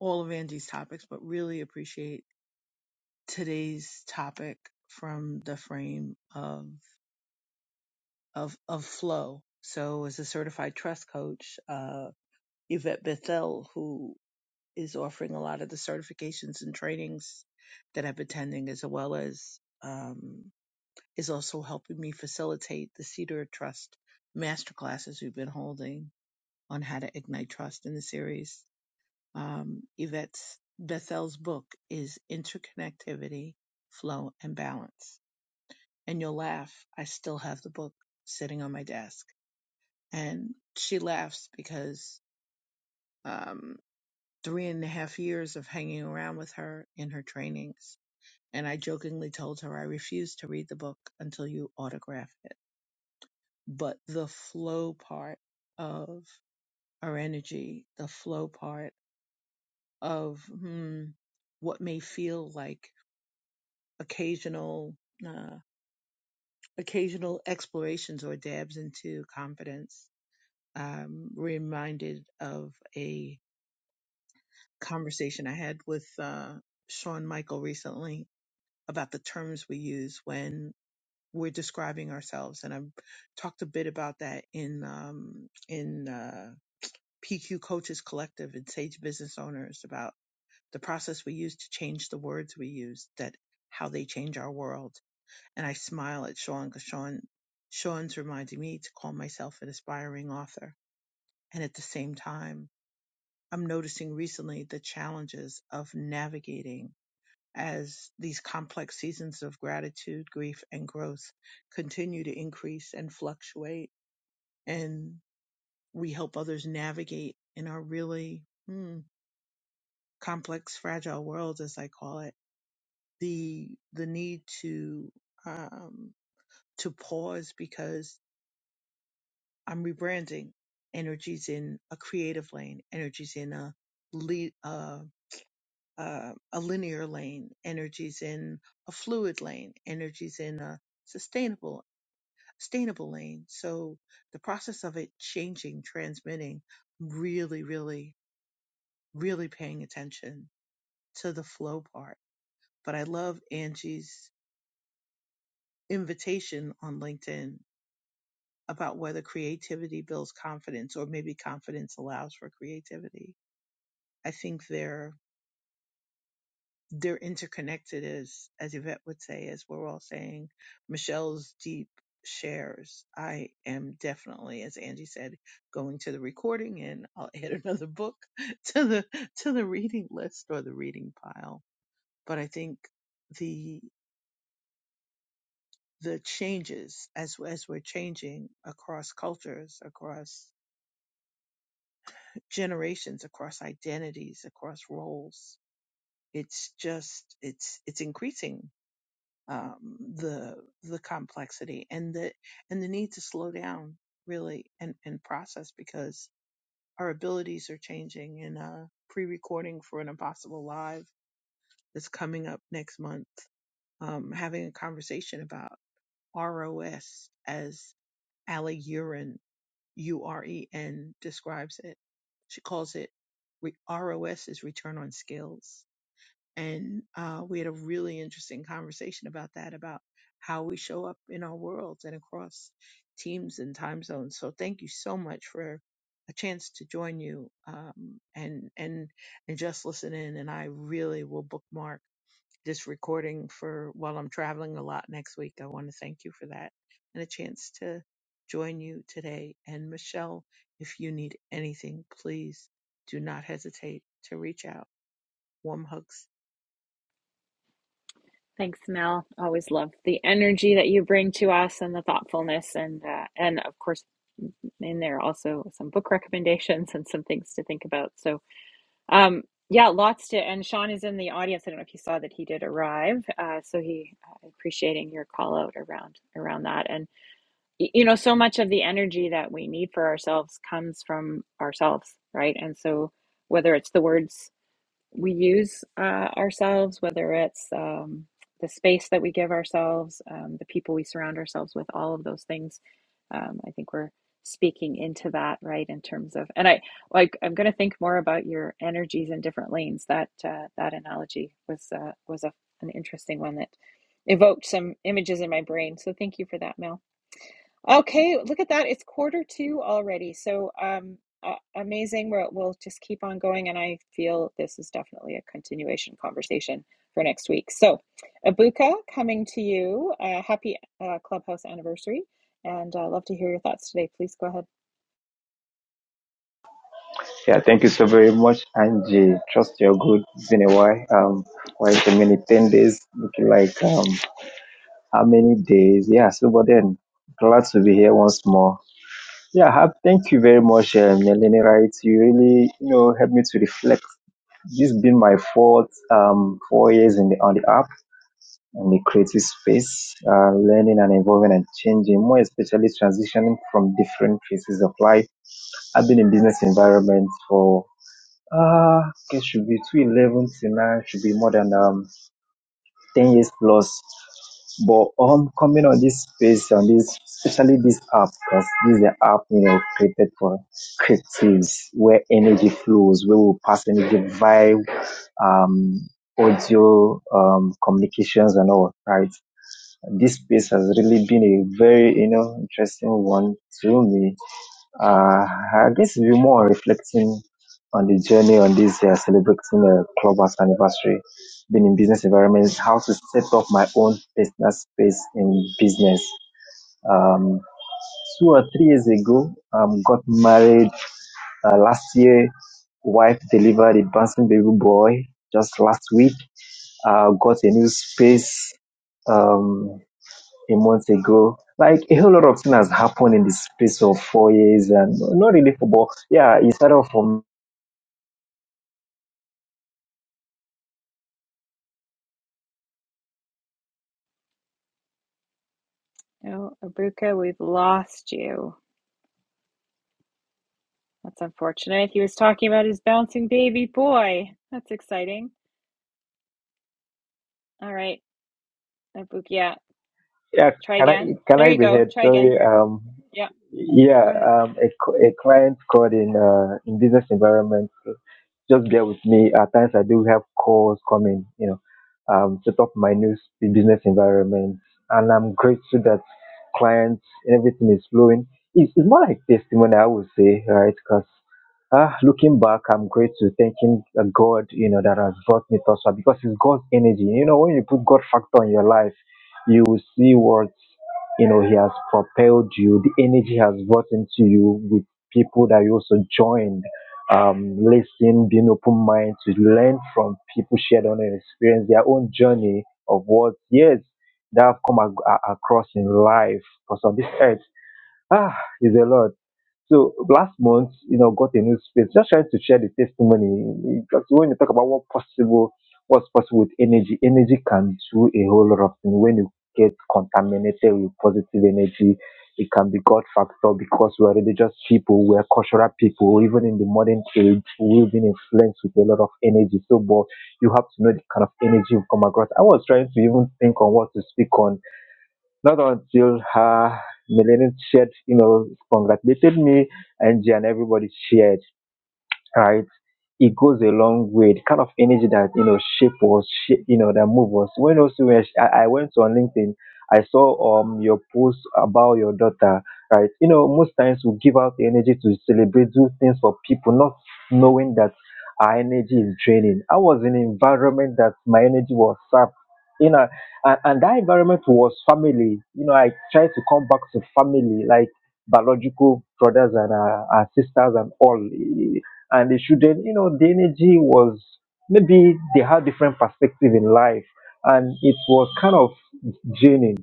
all of Angie's topics, but really appreciate today's topic from the frame of of of flow. So, as a certified trust coach, uh, Yvette Bethel, who is offering a lot of the certifications and trainings that I'm attending, as well as um, is also helping me facilitate the Cedar Trust masterclasses we've been holding on how to ignite trust in the series. Um, Yvette's Bethel's book is Interconnectivity, Flow, and Balance. And you'll laugh, I still have the book sitting on my desk. And she laughs because um, three and a half years of hanging around with her in her trainings and I jokingly told her I refuse to read the book until you autograph it. But the flow part of our energy, the flow part of hmm, what may feel like occasional, uh, occasional explorations or dabs into confidence, um, reminded of a conversation I had with uh, Sean Michael recently about the terms we use when we're describing ourselves. And I've talked a bit about that in, um, in, uh, PQ Coaches Collective and Sage Business Owners about the process we use to change the words we use that how they change our world. And I smile at Sean because Sean, Sean's reminding me to call myself an aspiring author. And at the same time, I'm noticing recently the challenges of navigating as these complex seasons of gratitude, grief, and growth continue to increase and fluctuate. And we help others navigate in our really hmm, complex, fragile world, as I call it, the, the need to, um, to pause because I'm rebranding. Energy's in a creative lane. Energy's in a, le- uh, uh, a linear lane. Energy's in a fluid lane. Energy's in a sustainable sustainable lane. So the process of it changing, transmitting, really, really, really paying attention to the flow part. But I love Angie's invitation on LinkedIn about whether creativity builds confidence or maybe confidence allows for creativity. I think they're. they're interconnected as as Yvette would say, as we're all saying. Michelle's deep shares. I am definitely, as Angie said, going to the recording and I'll add another book to the to the reading list or the reading pile. But I think the the changes as as we're changing across cultures, across generations, across identities, across roles, it's just it's it's increasing um, the the complexity and the and the need to slow down really and and process because our abilities are changing and uh pre-recording for an impossible live that's coming up next month um having a conversation about ROS as Ali Uren U R E N describes it she calls it re- ROS is return on skills and uh, we had a really interesting conversation about that about how we show up in our worlds and across teams and time zones so thank you so much for a chance to join you um, and and and just listen in and i really will bookmark this recording for while i'm traveling a lot next week i want to thank you for that and a chance to join you today and michelle if you need anything please do not hesitate to reach out warm hugs Thanks, Mel. Always love the energy that you bring to us and the thoughtfulness, and uh, and of course in there also some book recommendations and some things to think about. So Um, yeah, lots to, and Sean is in the audience. I don't know if you saw that he did arrive. Uh, so he uh, appreciating your call out around around that, and y- you know, so much of the energy that we need for ourselves comes from ourselves, right? And so whether it's the words we use uh, ourselves, whether it's um, the space that we give ourselves, um, the people we surround ourselves with, all of those things. Um, I think we're speaking into that, right? In terms of, and I like, I'm going to think more about your energies in different lanes. That uh, that analogy was uh, was a, an interesting one that evoked some images in my brain. So thank you for that, Mel. Okay, look at that. It's quarter two already. So, um, uh, amazing. We're, we'll just keep on going. And I feel this is definitely a continuation conversation for next week. So, Abuka, coming to you. Uh, happy uh, Clubhouse anniversary. And uh, love to hear your thoughts today. Please go ahead. Yeah, thank you so very much, Angie. Trust you're good. It's been a while. Um, well, it's a 10 days, looking like um, how many days? Yeah, so but then, glad to be here once more. Yeah, have, thank you very much, uh, Melanie Wright. You really, you know, helped me to reflect. This been my fourth, um, four years in the, on the app, and the creative space, uh, learning and evolving and changing, more especially transitioning from different phases of life. I've been in business environment for Ah, it should be 211 tonight, should be more than um 10 years plus. But um, coming on this space, on this, especially this app, because this is the app you know created for creatives, where energy flows, where we pass energy via um audio um communications and all, right? This space has really been a very you know interesting one to me uh, I guess we're more reflecting on the journey on this uh, celebrating the clubhouse anniversary, being in business environments, how to set up my own personal space in business. Um, two or three years ago, um, got married. Uh, last year, wife delivered a bouncing baby boy just last week. Uh, got a new space. Um a month ago. Like a whole lot of things has happened in the space of four years, and not really football. Yeah, it started off from Oh, Abuka, we've lost you. That's unfortunate. He was talking about his bouncing baby boy. That's exciting. All right, Abuka, yeah. yeah. Try Can I again. can There I you be go. heard? Try again. Sorry. Um. Yeah. Yeah. Go ahead. Um. A, c- a client called in uh in business environment. just bear with me. At times I do have calls coming, you know, um, set up my new business environment. And I'm grateful that clients and everything is flowing. It's, it's more like testimony, I would say, right? Because ah, looking back, I'm grateful, thanking uh, God, you know, that has brought me thus far because it's God's energy. You know, when you put God factor in your life, you will see what, you know, He has propelled you, the energy has brought into you with people that you also joined um, listen, being open mind to learn from people, share their own experience, their own journey of what, yes, they have come ac- a- across in life because on this earth. Ah, is a lot. So last month, you know, got a new space, just trying to share the testimony. Because when you talk about what possible, what's possible with energy, energy can do a whole lot of things. When you get contaminated with positive energy, it can be God factor because we're religious people, we're cultural people, even in the modern age, we've been influenced with a lot of energy. So, but you have to know the kind of energy you come across. I was trying to even think on what to speak on not until her millennium shared, you know, congratulated me and Jan, everybody shared, right? it goes a long way. The kind of energy that you know shape was, shape, you know, that move was. When also when I, I went on LinkedIn, I saw um your post about your daughter, right? You know, most times we give out the energy to celebrate, do things for people, not knowing that our energy is draining. I was in an environment that my energy was sapped. You know, and, and that environment was family. You know, I tried to come back to family, like biological brothers and uh, our sisters and all and the children you know the energy was maybe they had different perspective in life and it was kind of draining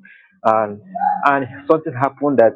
and and something happened that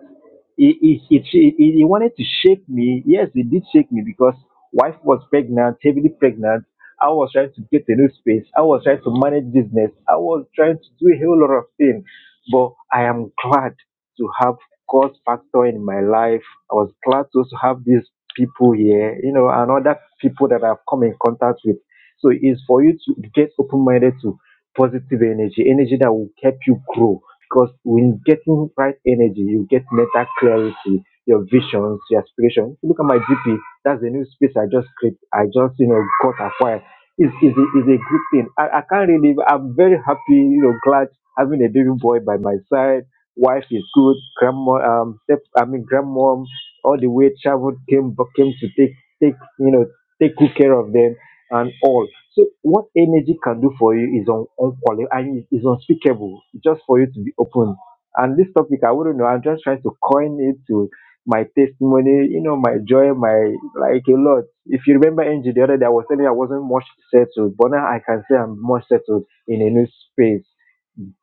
it, it, it, it, it wanted to shake me yes it did shake me because wife was pregnant heavily pregnant i was trying to get a new space i was trying to manage business i was trying to do a whole lot of things but i am glad to have God factor in my life. I was glad to also have these people here, you know, and other people that I've come in contact with. So it's for you to get open minded to positive energy, energy that will help you grow. Because when getting right energy, you get mental clarity, your visions, your aspirations. If you look at my GP, that's the new space I just created. I just, you know, got acquired. It's, it's, a, it's a good thing. I, I can't really, I'm very happy, you know, glad having a baby boy by my side Wife is good. Grandma, um, step, I mean, grandmom, all the way traveled came came to take take you know take good care of them and all. So what energy can do for you is un, unqualified and is is unspeakable. Just for you to be open. And this topic, I wouldn't know. I'm just trying to coin it to my testimony, you know, my joy, my like a lot. If you remember, Angie, the other day I was telling you I wasn't much settled, but now I can say I'm much settled in a new space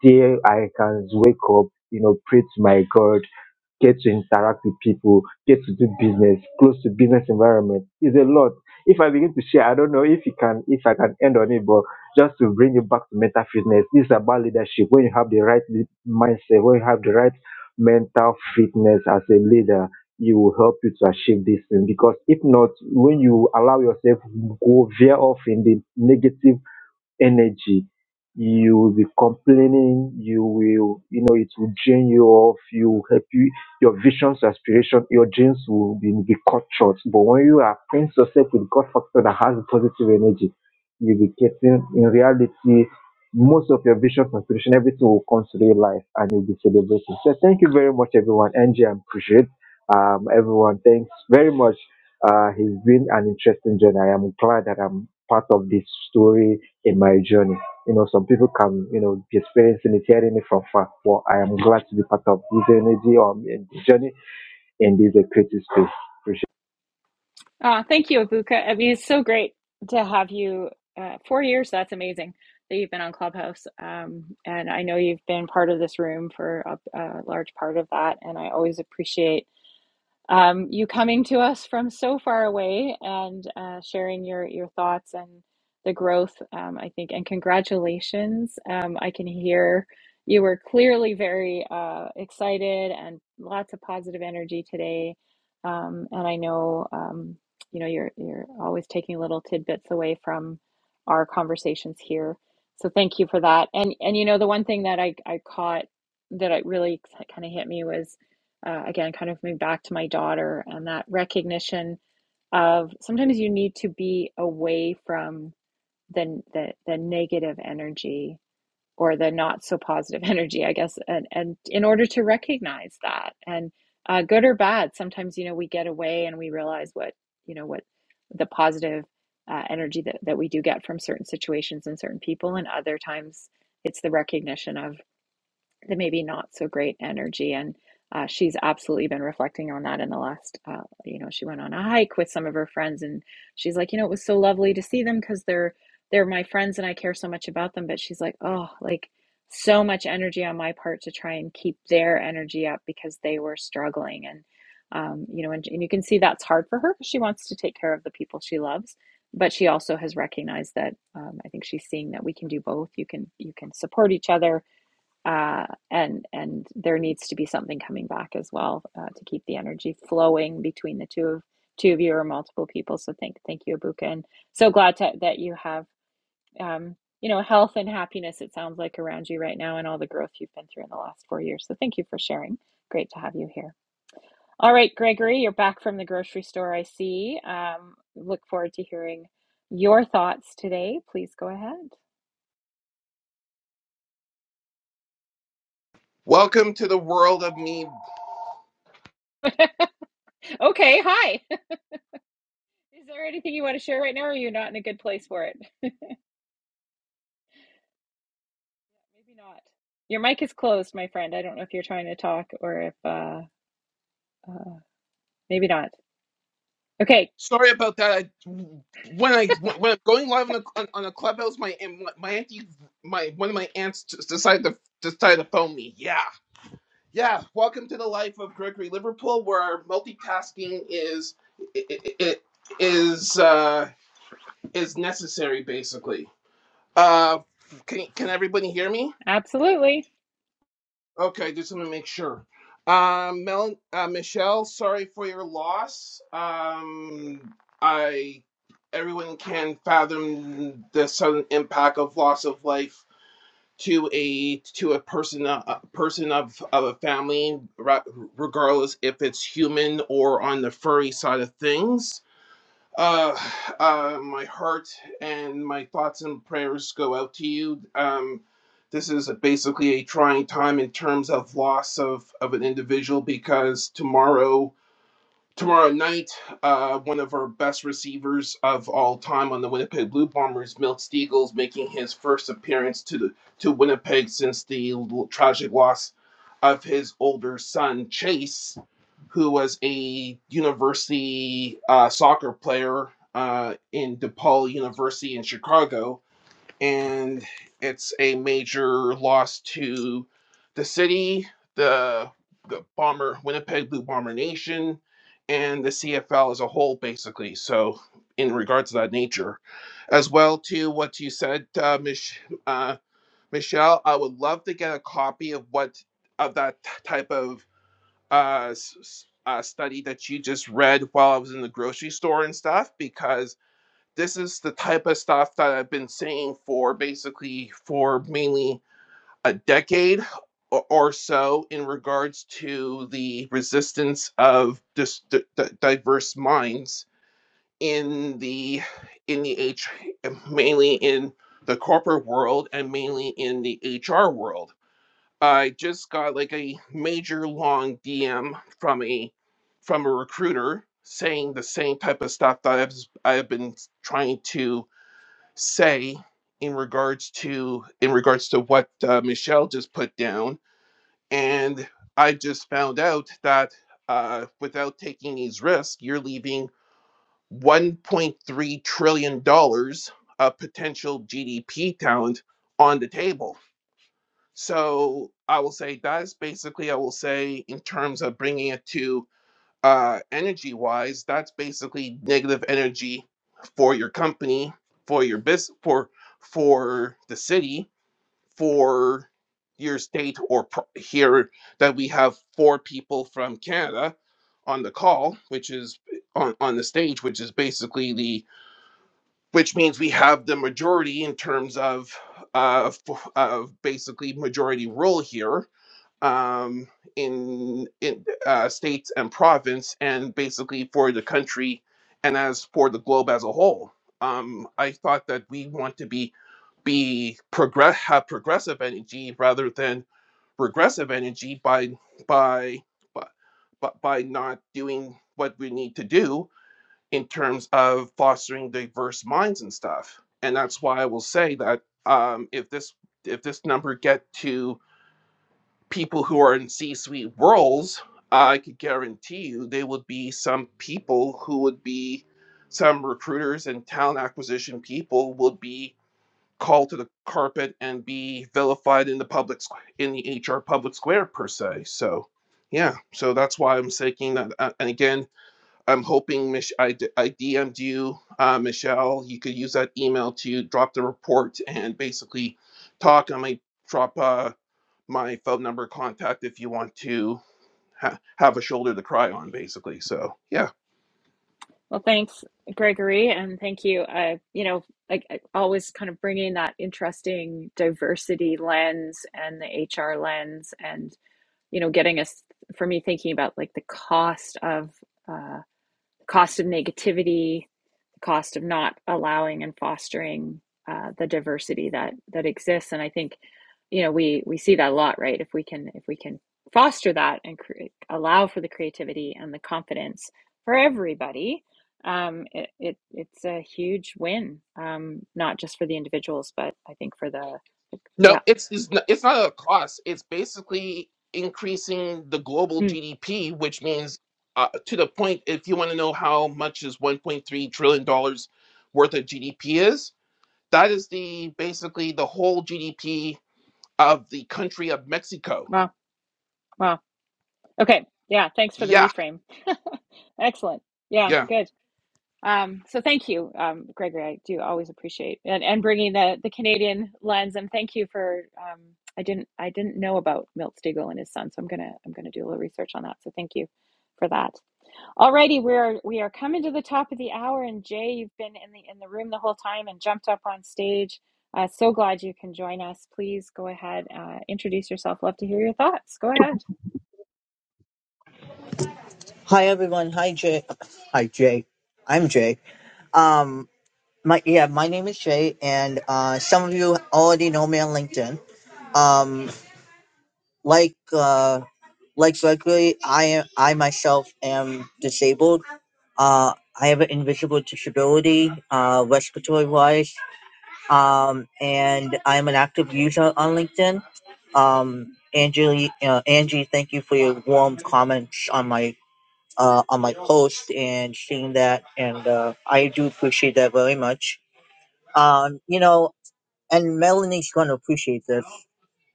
there I can wake up, you know, pray to my God, get to interact with people, get to do business, close to business environment. It's a lot. If I begin to share, I don't know if you can, if I can end on it, but just to bring it back to mental fitness, this is about leadership. When you have the right le- mindset, when you have the right mental fitness as a leader, it will help you to achieve this thing. Because if not, when you allow yourself go veer off in the negative energy. You will be complaining, you will, you know, it will drain you off, you will help you, your visions, aspiration, your dreams will be, be cut short. But when you are acquaint yourself with God factor that has positive energy, you'll be getting, in reality, most of your visions, aspiration, everything will come to real life and you'll be celebrating. So thank you very much, everyone. Angie, I appreciate um, everyone. Thanks very much. Uh, it's been an interesting journey. I am glad that I'm part of this story in my journey. You know, some people can, you know, be experiencing it, hearing it from far. But I am glad to be part of this energy or um, journey in this uh, creative space. Ah, thank you, Abuka. I mean, it's so great to have you. Uh, four years, that's amazing that you've been on Clubhouse. Um, and I know you've been part of this room for a, a large part of that. And I always appreciate. um, you coming to us from so far away and uh, sharing your your thoughts and the growth. Um, I think and congratulations. Um, I can hear you were clearly very uh, excited and lots of positive energy today. Um, and I know um, you know you're you're always taking little tidbits away from our conversations here. So thank you for that. And and you know the one thing that I I caught that it really kind of hit me was uh, again, kind of moved back to my daughter and that recognition of sometimes you need to be away from the the, the negative energy or the not so positive energy, I guess, and and in order to recognize that and uh, good or bad, sometimes you know we get away and we realize what you know what the positive uh, energy that that we do get from certain situations and certain people, and other times it's the recognition of the maybe not so great energy and uh, she's absolutely been reflecting on that in the last uh, you know she went on a hike with some of her friends and she's like you know it was so lovely to see them because they're they're my friends and i care so much about them but she's like oh like so much energy on my part to try and keep their energy up because they were struggling and um, you know and, and you can see that's hard for her because she wants to take care of the people she loves but she also has recognized that um, i think she's seeing that we can do both you can you can support each other uh, and and there needs to be something coming back as well uh, to keep the energy flowing between the two of two of you or multiple people. So thank thank you, Abuka, and so glad to, that you have um, you know health and happiness. It sounds like around you right now, and all the growth you've been through in the last four years. So thank you for sharing. Great to have you here. All right, Gregory, you're back from the grocery store. I see. Um, look forward to hearing your thoughts today. Please go ahead. Welcome to the world of me. okay, hi. Is there anything you want to share right now, or are you not in a good place for it? Maybe not. Your mic is closed, my friend. I don't know if you're trying to talk or if uh, uh, maybe not. Okay, Sorry about that. I, when I when I'm going live on a on, on a clubhouse, my my auntie, my one of my aunts just decided to decided to phone me. Yeah, yeah. Welcome to the life of Gregory Liverpool, where our multitasking is it, it is uh is necessary. Basically, uh, can can everybody hear me? absolutely. Okay, just want to make sure. Um, Mel, uh, Michelle, sorry for your loss. Um, I everyone can fathom the sudden impact of loss of life to a to a person uh, a person of of a family, ra- regardless if it's human or on the furry side of things. Uh, uh, my heart and my thoughts and prayers go out to you. Um, this is a, basically a trying time in terms of loss of, of an individual because tomorrow Tomorrow night, uh, one of our best receivers of all time on the Winnipeg Blue Bombers, Milt Steagles, making his first appearance to the, to Winnipeg since the l- tragic loss of his older son Chase, who was a university uh, soccer player uh, in DePaul University in Chicago and it's a major loss to the city, the the bomber Winnipeg Blue Bomber Nation, and the CFL as a whole, basically. So, in regards to that nature, as well to what you said, uh, Mich- uh, Michelle, I would love to get a copy of what of that type of uh, s- uh, study that you just read while I was in the grocery store and stuff, because this is the type of stuff that I've been saying for basically for mainly a decade or, so in regards to the resistance of dis- diverse minds in the in the H mainly in the corporate world and mainly in the HR world. I just got like a major long DM from a from a recruiter saying the same type of stuff that I've I've been trying to say in regards to in regards to what uh, Michelle just put down, and I just found out that uh, without taking these risks, you're leaving 1.3 trillion dollars of potential GDP talent on the table. So I will say that's basically I will say in terms of bringing it to uh, energy wise, that's basically negative energy for your company, for your business, for for the city, for your state, or pro- here that we have four people from Canada on the call, which is on on the stage, which is basically the which means we have the majority in terms of uh, f- of basically majority rule here um, in in uh, states and province, and basically for the country and as for the globe as a whole. Um, I thought that we want to be be progress have progressive energy rather than regressive energy by by by, by not doing what we need to do in terms of fostering diverse minds and stuff. And that's why I will say that um, if this if this number get to people who are in C-suite roles, I could guarantee you there would be some people who would be some recruiters and talent acquisition people would be called to the carpet and be vilified in the public in the HR public square per se. So, yeah, so that's why I'm saying that. uh, and again, I'm hoping Mich- I, d- I DM'd you, uh, Michelle. You could use that email to drop the report and basically talk. I might drop. Uh, my phone number contact if you want to ha- have a shoulder to cry on basically so yeah Well, thanks, Gregory, and thank you. Uh, you know, like I always kind of bringing that interesting diversity lens and the HR lens, and you know, getting us for me thinking about like the cost of uh, cost of negativity, cost of not allowing and fostering uh, the diversity that that exists. And I think, you know, we we see that a lot, right? If we can if we can foster that and cre- allow for the creativity and the confidence for everybody, um, it, it it's a huge win, um, not just for the individuals, but I think for the no yeah. it's it's not, it's not a cost it's basically increasing the global Mm, gdp which means uh, to the point if you want to know how much is 1.3 trillion dollars worth of gdp is that is the basically the whole gdp of the country of mexico wow, wow. Okay, yeah. Thanks for the yeah reframe. Excellent. Yeah, yeah good. Um, so thank you, um, Gregory. I do always appreciate and, and bringing the, the Canadian lens. And thank you for um, I didn't I didn't know about Milt Stegall and his son, so I'm gonna I'm gonna do a little research on that. So thank you for that. Alrighty, we are we are coming to the top of the hour, and Jay, you've been in the in the room the whole time and jumped up on stage. Uh, so glad you can join us. Please go ahead, uh, introduce yourself. Love to hear your thoughts. Go ahead. Hi everyone. Hi Jay. Hi Jay. I'm Jay. Um, my yeah, my name is Jay, and uh, some of you already know me on LinkedIn. Um, like uh, like Gregory, I am I myself am disabled. Uh, I have an invisible disability, uh, respiratory wise, um, and I'm an active user on LinkedIn. Um, Angie, uh, Angie, thank you for your warm comments on my uh, on my post and seeing that, and uh, I do appreciate that very much. Um, you know, and Melanie's going to appreciate this.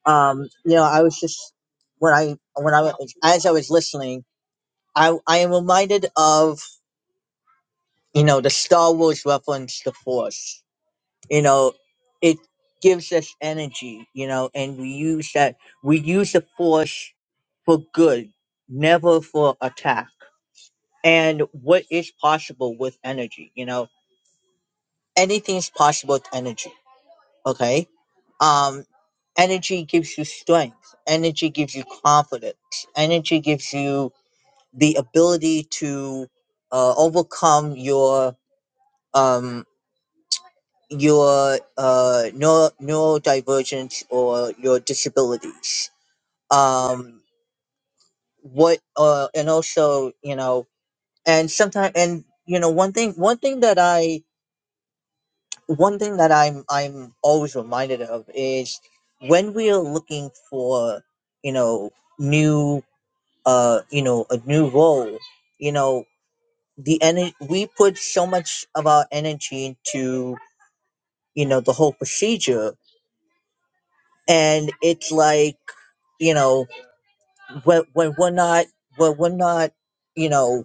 Um, you know, I was just when I when I was- as I was listening, I I am reminded of you know the Star Wars reference, the Force. You know, it gives us energy. You know, and we use that we use the Force for good, never for attack. And what is possible with energy, you know? anything is possible with energy. Okay. Um, energy gives you strength. Energy gives you confidence. Energy gives you the ability to uh, overcome your um your uh neuro- neurodivergence or your disabilities. Um, what uh, and also you know, and sometimes and you know one thing one thing that I one thing that I'm I'm always reminded of is when we are looking for you know new uh you know a new role you know the energy we put so much of our energy into you know the whole procedure and it's like you know when when we're not when we're not you know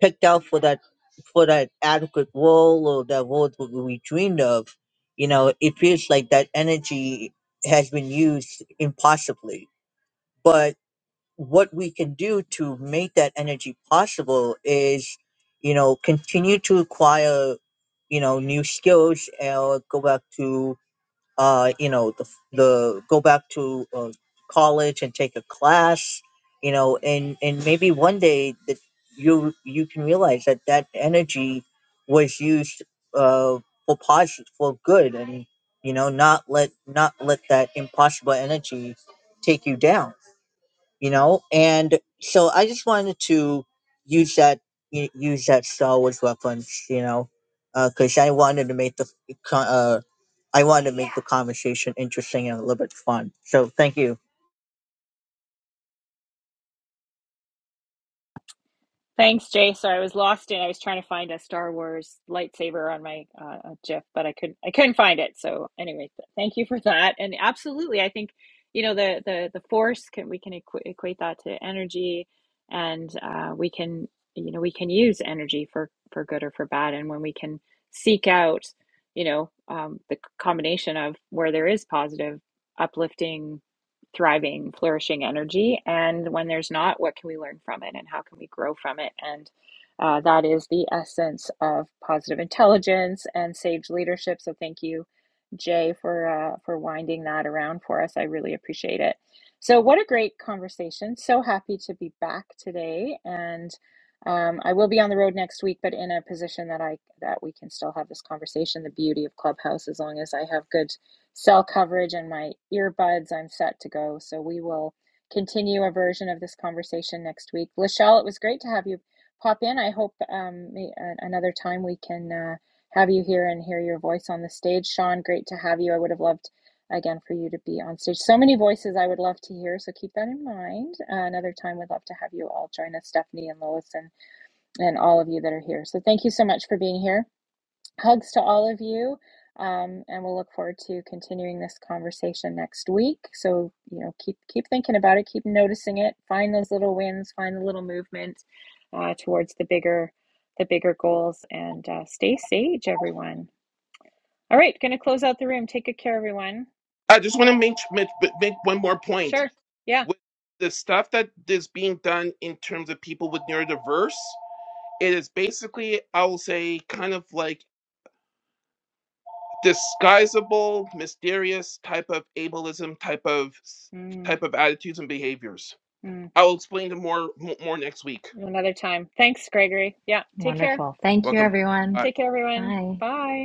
picked out for that for that adequate role or that role that we dreamed of, you know, it feels like that energy has been used impossibly. But what we can do to make that energy possible is, you know, continue to acquire, you know, new skills or go back to uh, you know, the, the go back to uh, college and take a class, you know, and and maybe one day that you you can realize that that energy was used uh, for positive for good, and you know, not let not let that impossible energy take you down you know and so i just wanted to use that u- use that star wars reference you know because i wanted to make the f- co- uh, i wanted to make the conversation interesting and a little bit fun so thank you Thanks, Jay. Sorry, I was lost in. I was trying to find a Star Wars lightsaber on my uh, uh, GIF, but I couldn't. I couldn't find it. So anyway, th- thank you for that. And absolutely, I think you know the the the force can we can equ- equate that to energy, and uh, we can you know we can use energy for for good or for bad. And when we can seek out, you know, um, the c- combination of where there is positive, uplifting thriving, flourishing energy? And when there's not, what can we learn from it and how can we grow from it? And uh, that is the essence of positive intelligence and sage leadership. So thank you, Jay, for uh, for winding that around for us. I really appreciate it. So what a great conversation! So happy to be back today, and um, I will be on the road next week, but in a position that I that we can still have this conversation. The beauty of Clubhouse, as long as I have good cell coverage and my earbuds, I'm set to go. So we will continue a version of this conversation next week. Lachelle, it was great to have you pop in. I hope um, another time we can uh, have you here and hear your voice on the stage. Sean, great to have you. I would have loved again for you to be on stage. So many voices I would love to hear. So keep that in mind. Uh, another time, we'd love to have you all join us, Stephanie and Lois and and all of you that are here. So thank you so much for being here. Hugs to all of you. Um, and we'll look forward to continuing this conversation next week. So, you know, keep keep thinking about it, keep noticing it, find those little wins, find the little movement uh, towards the bigger the bigger goals, and uh, stay sage, everyone. All right, going to close out the room. Take good care, everyone. i just want to make, make make one more point Sure. Yeah. with the stuff that is being done in terms of people with neurodiverse, it is basically, I will say, kind of like disguisable, mysterious type of ableism, type of Mm, type of attitudes and behaviors. Hmm. I will explain them more more next week. Another time. Thanks, Gregory. Yeah. Take care. Wonderful. Thank you, Welcome. Bye. everyone. Take care, everyone. Bye. Bye.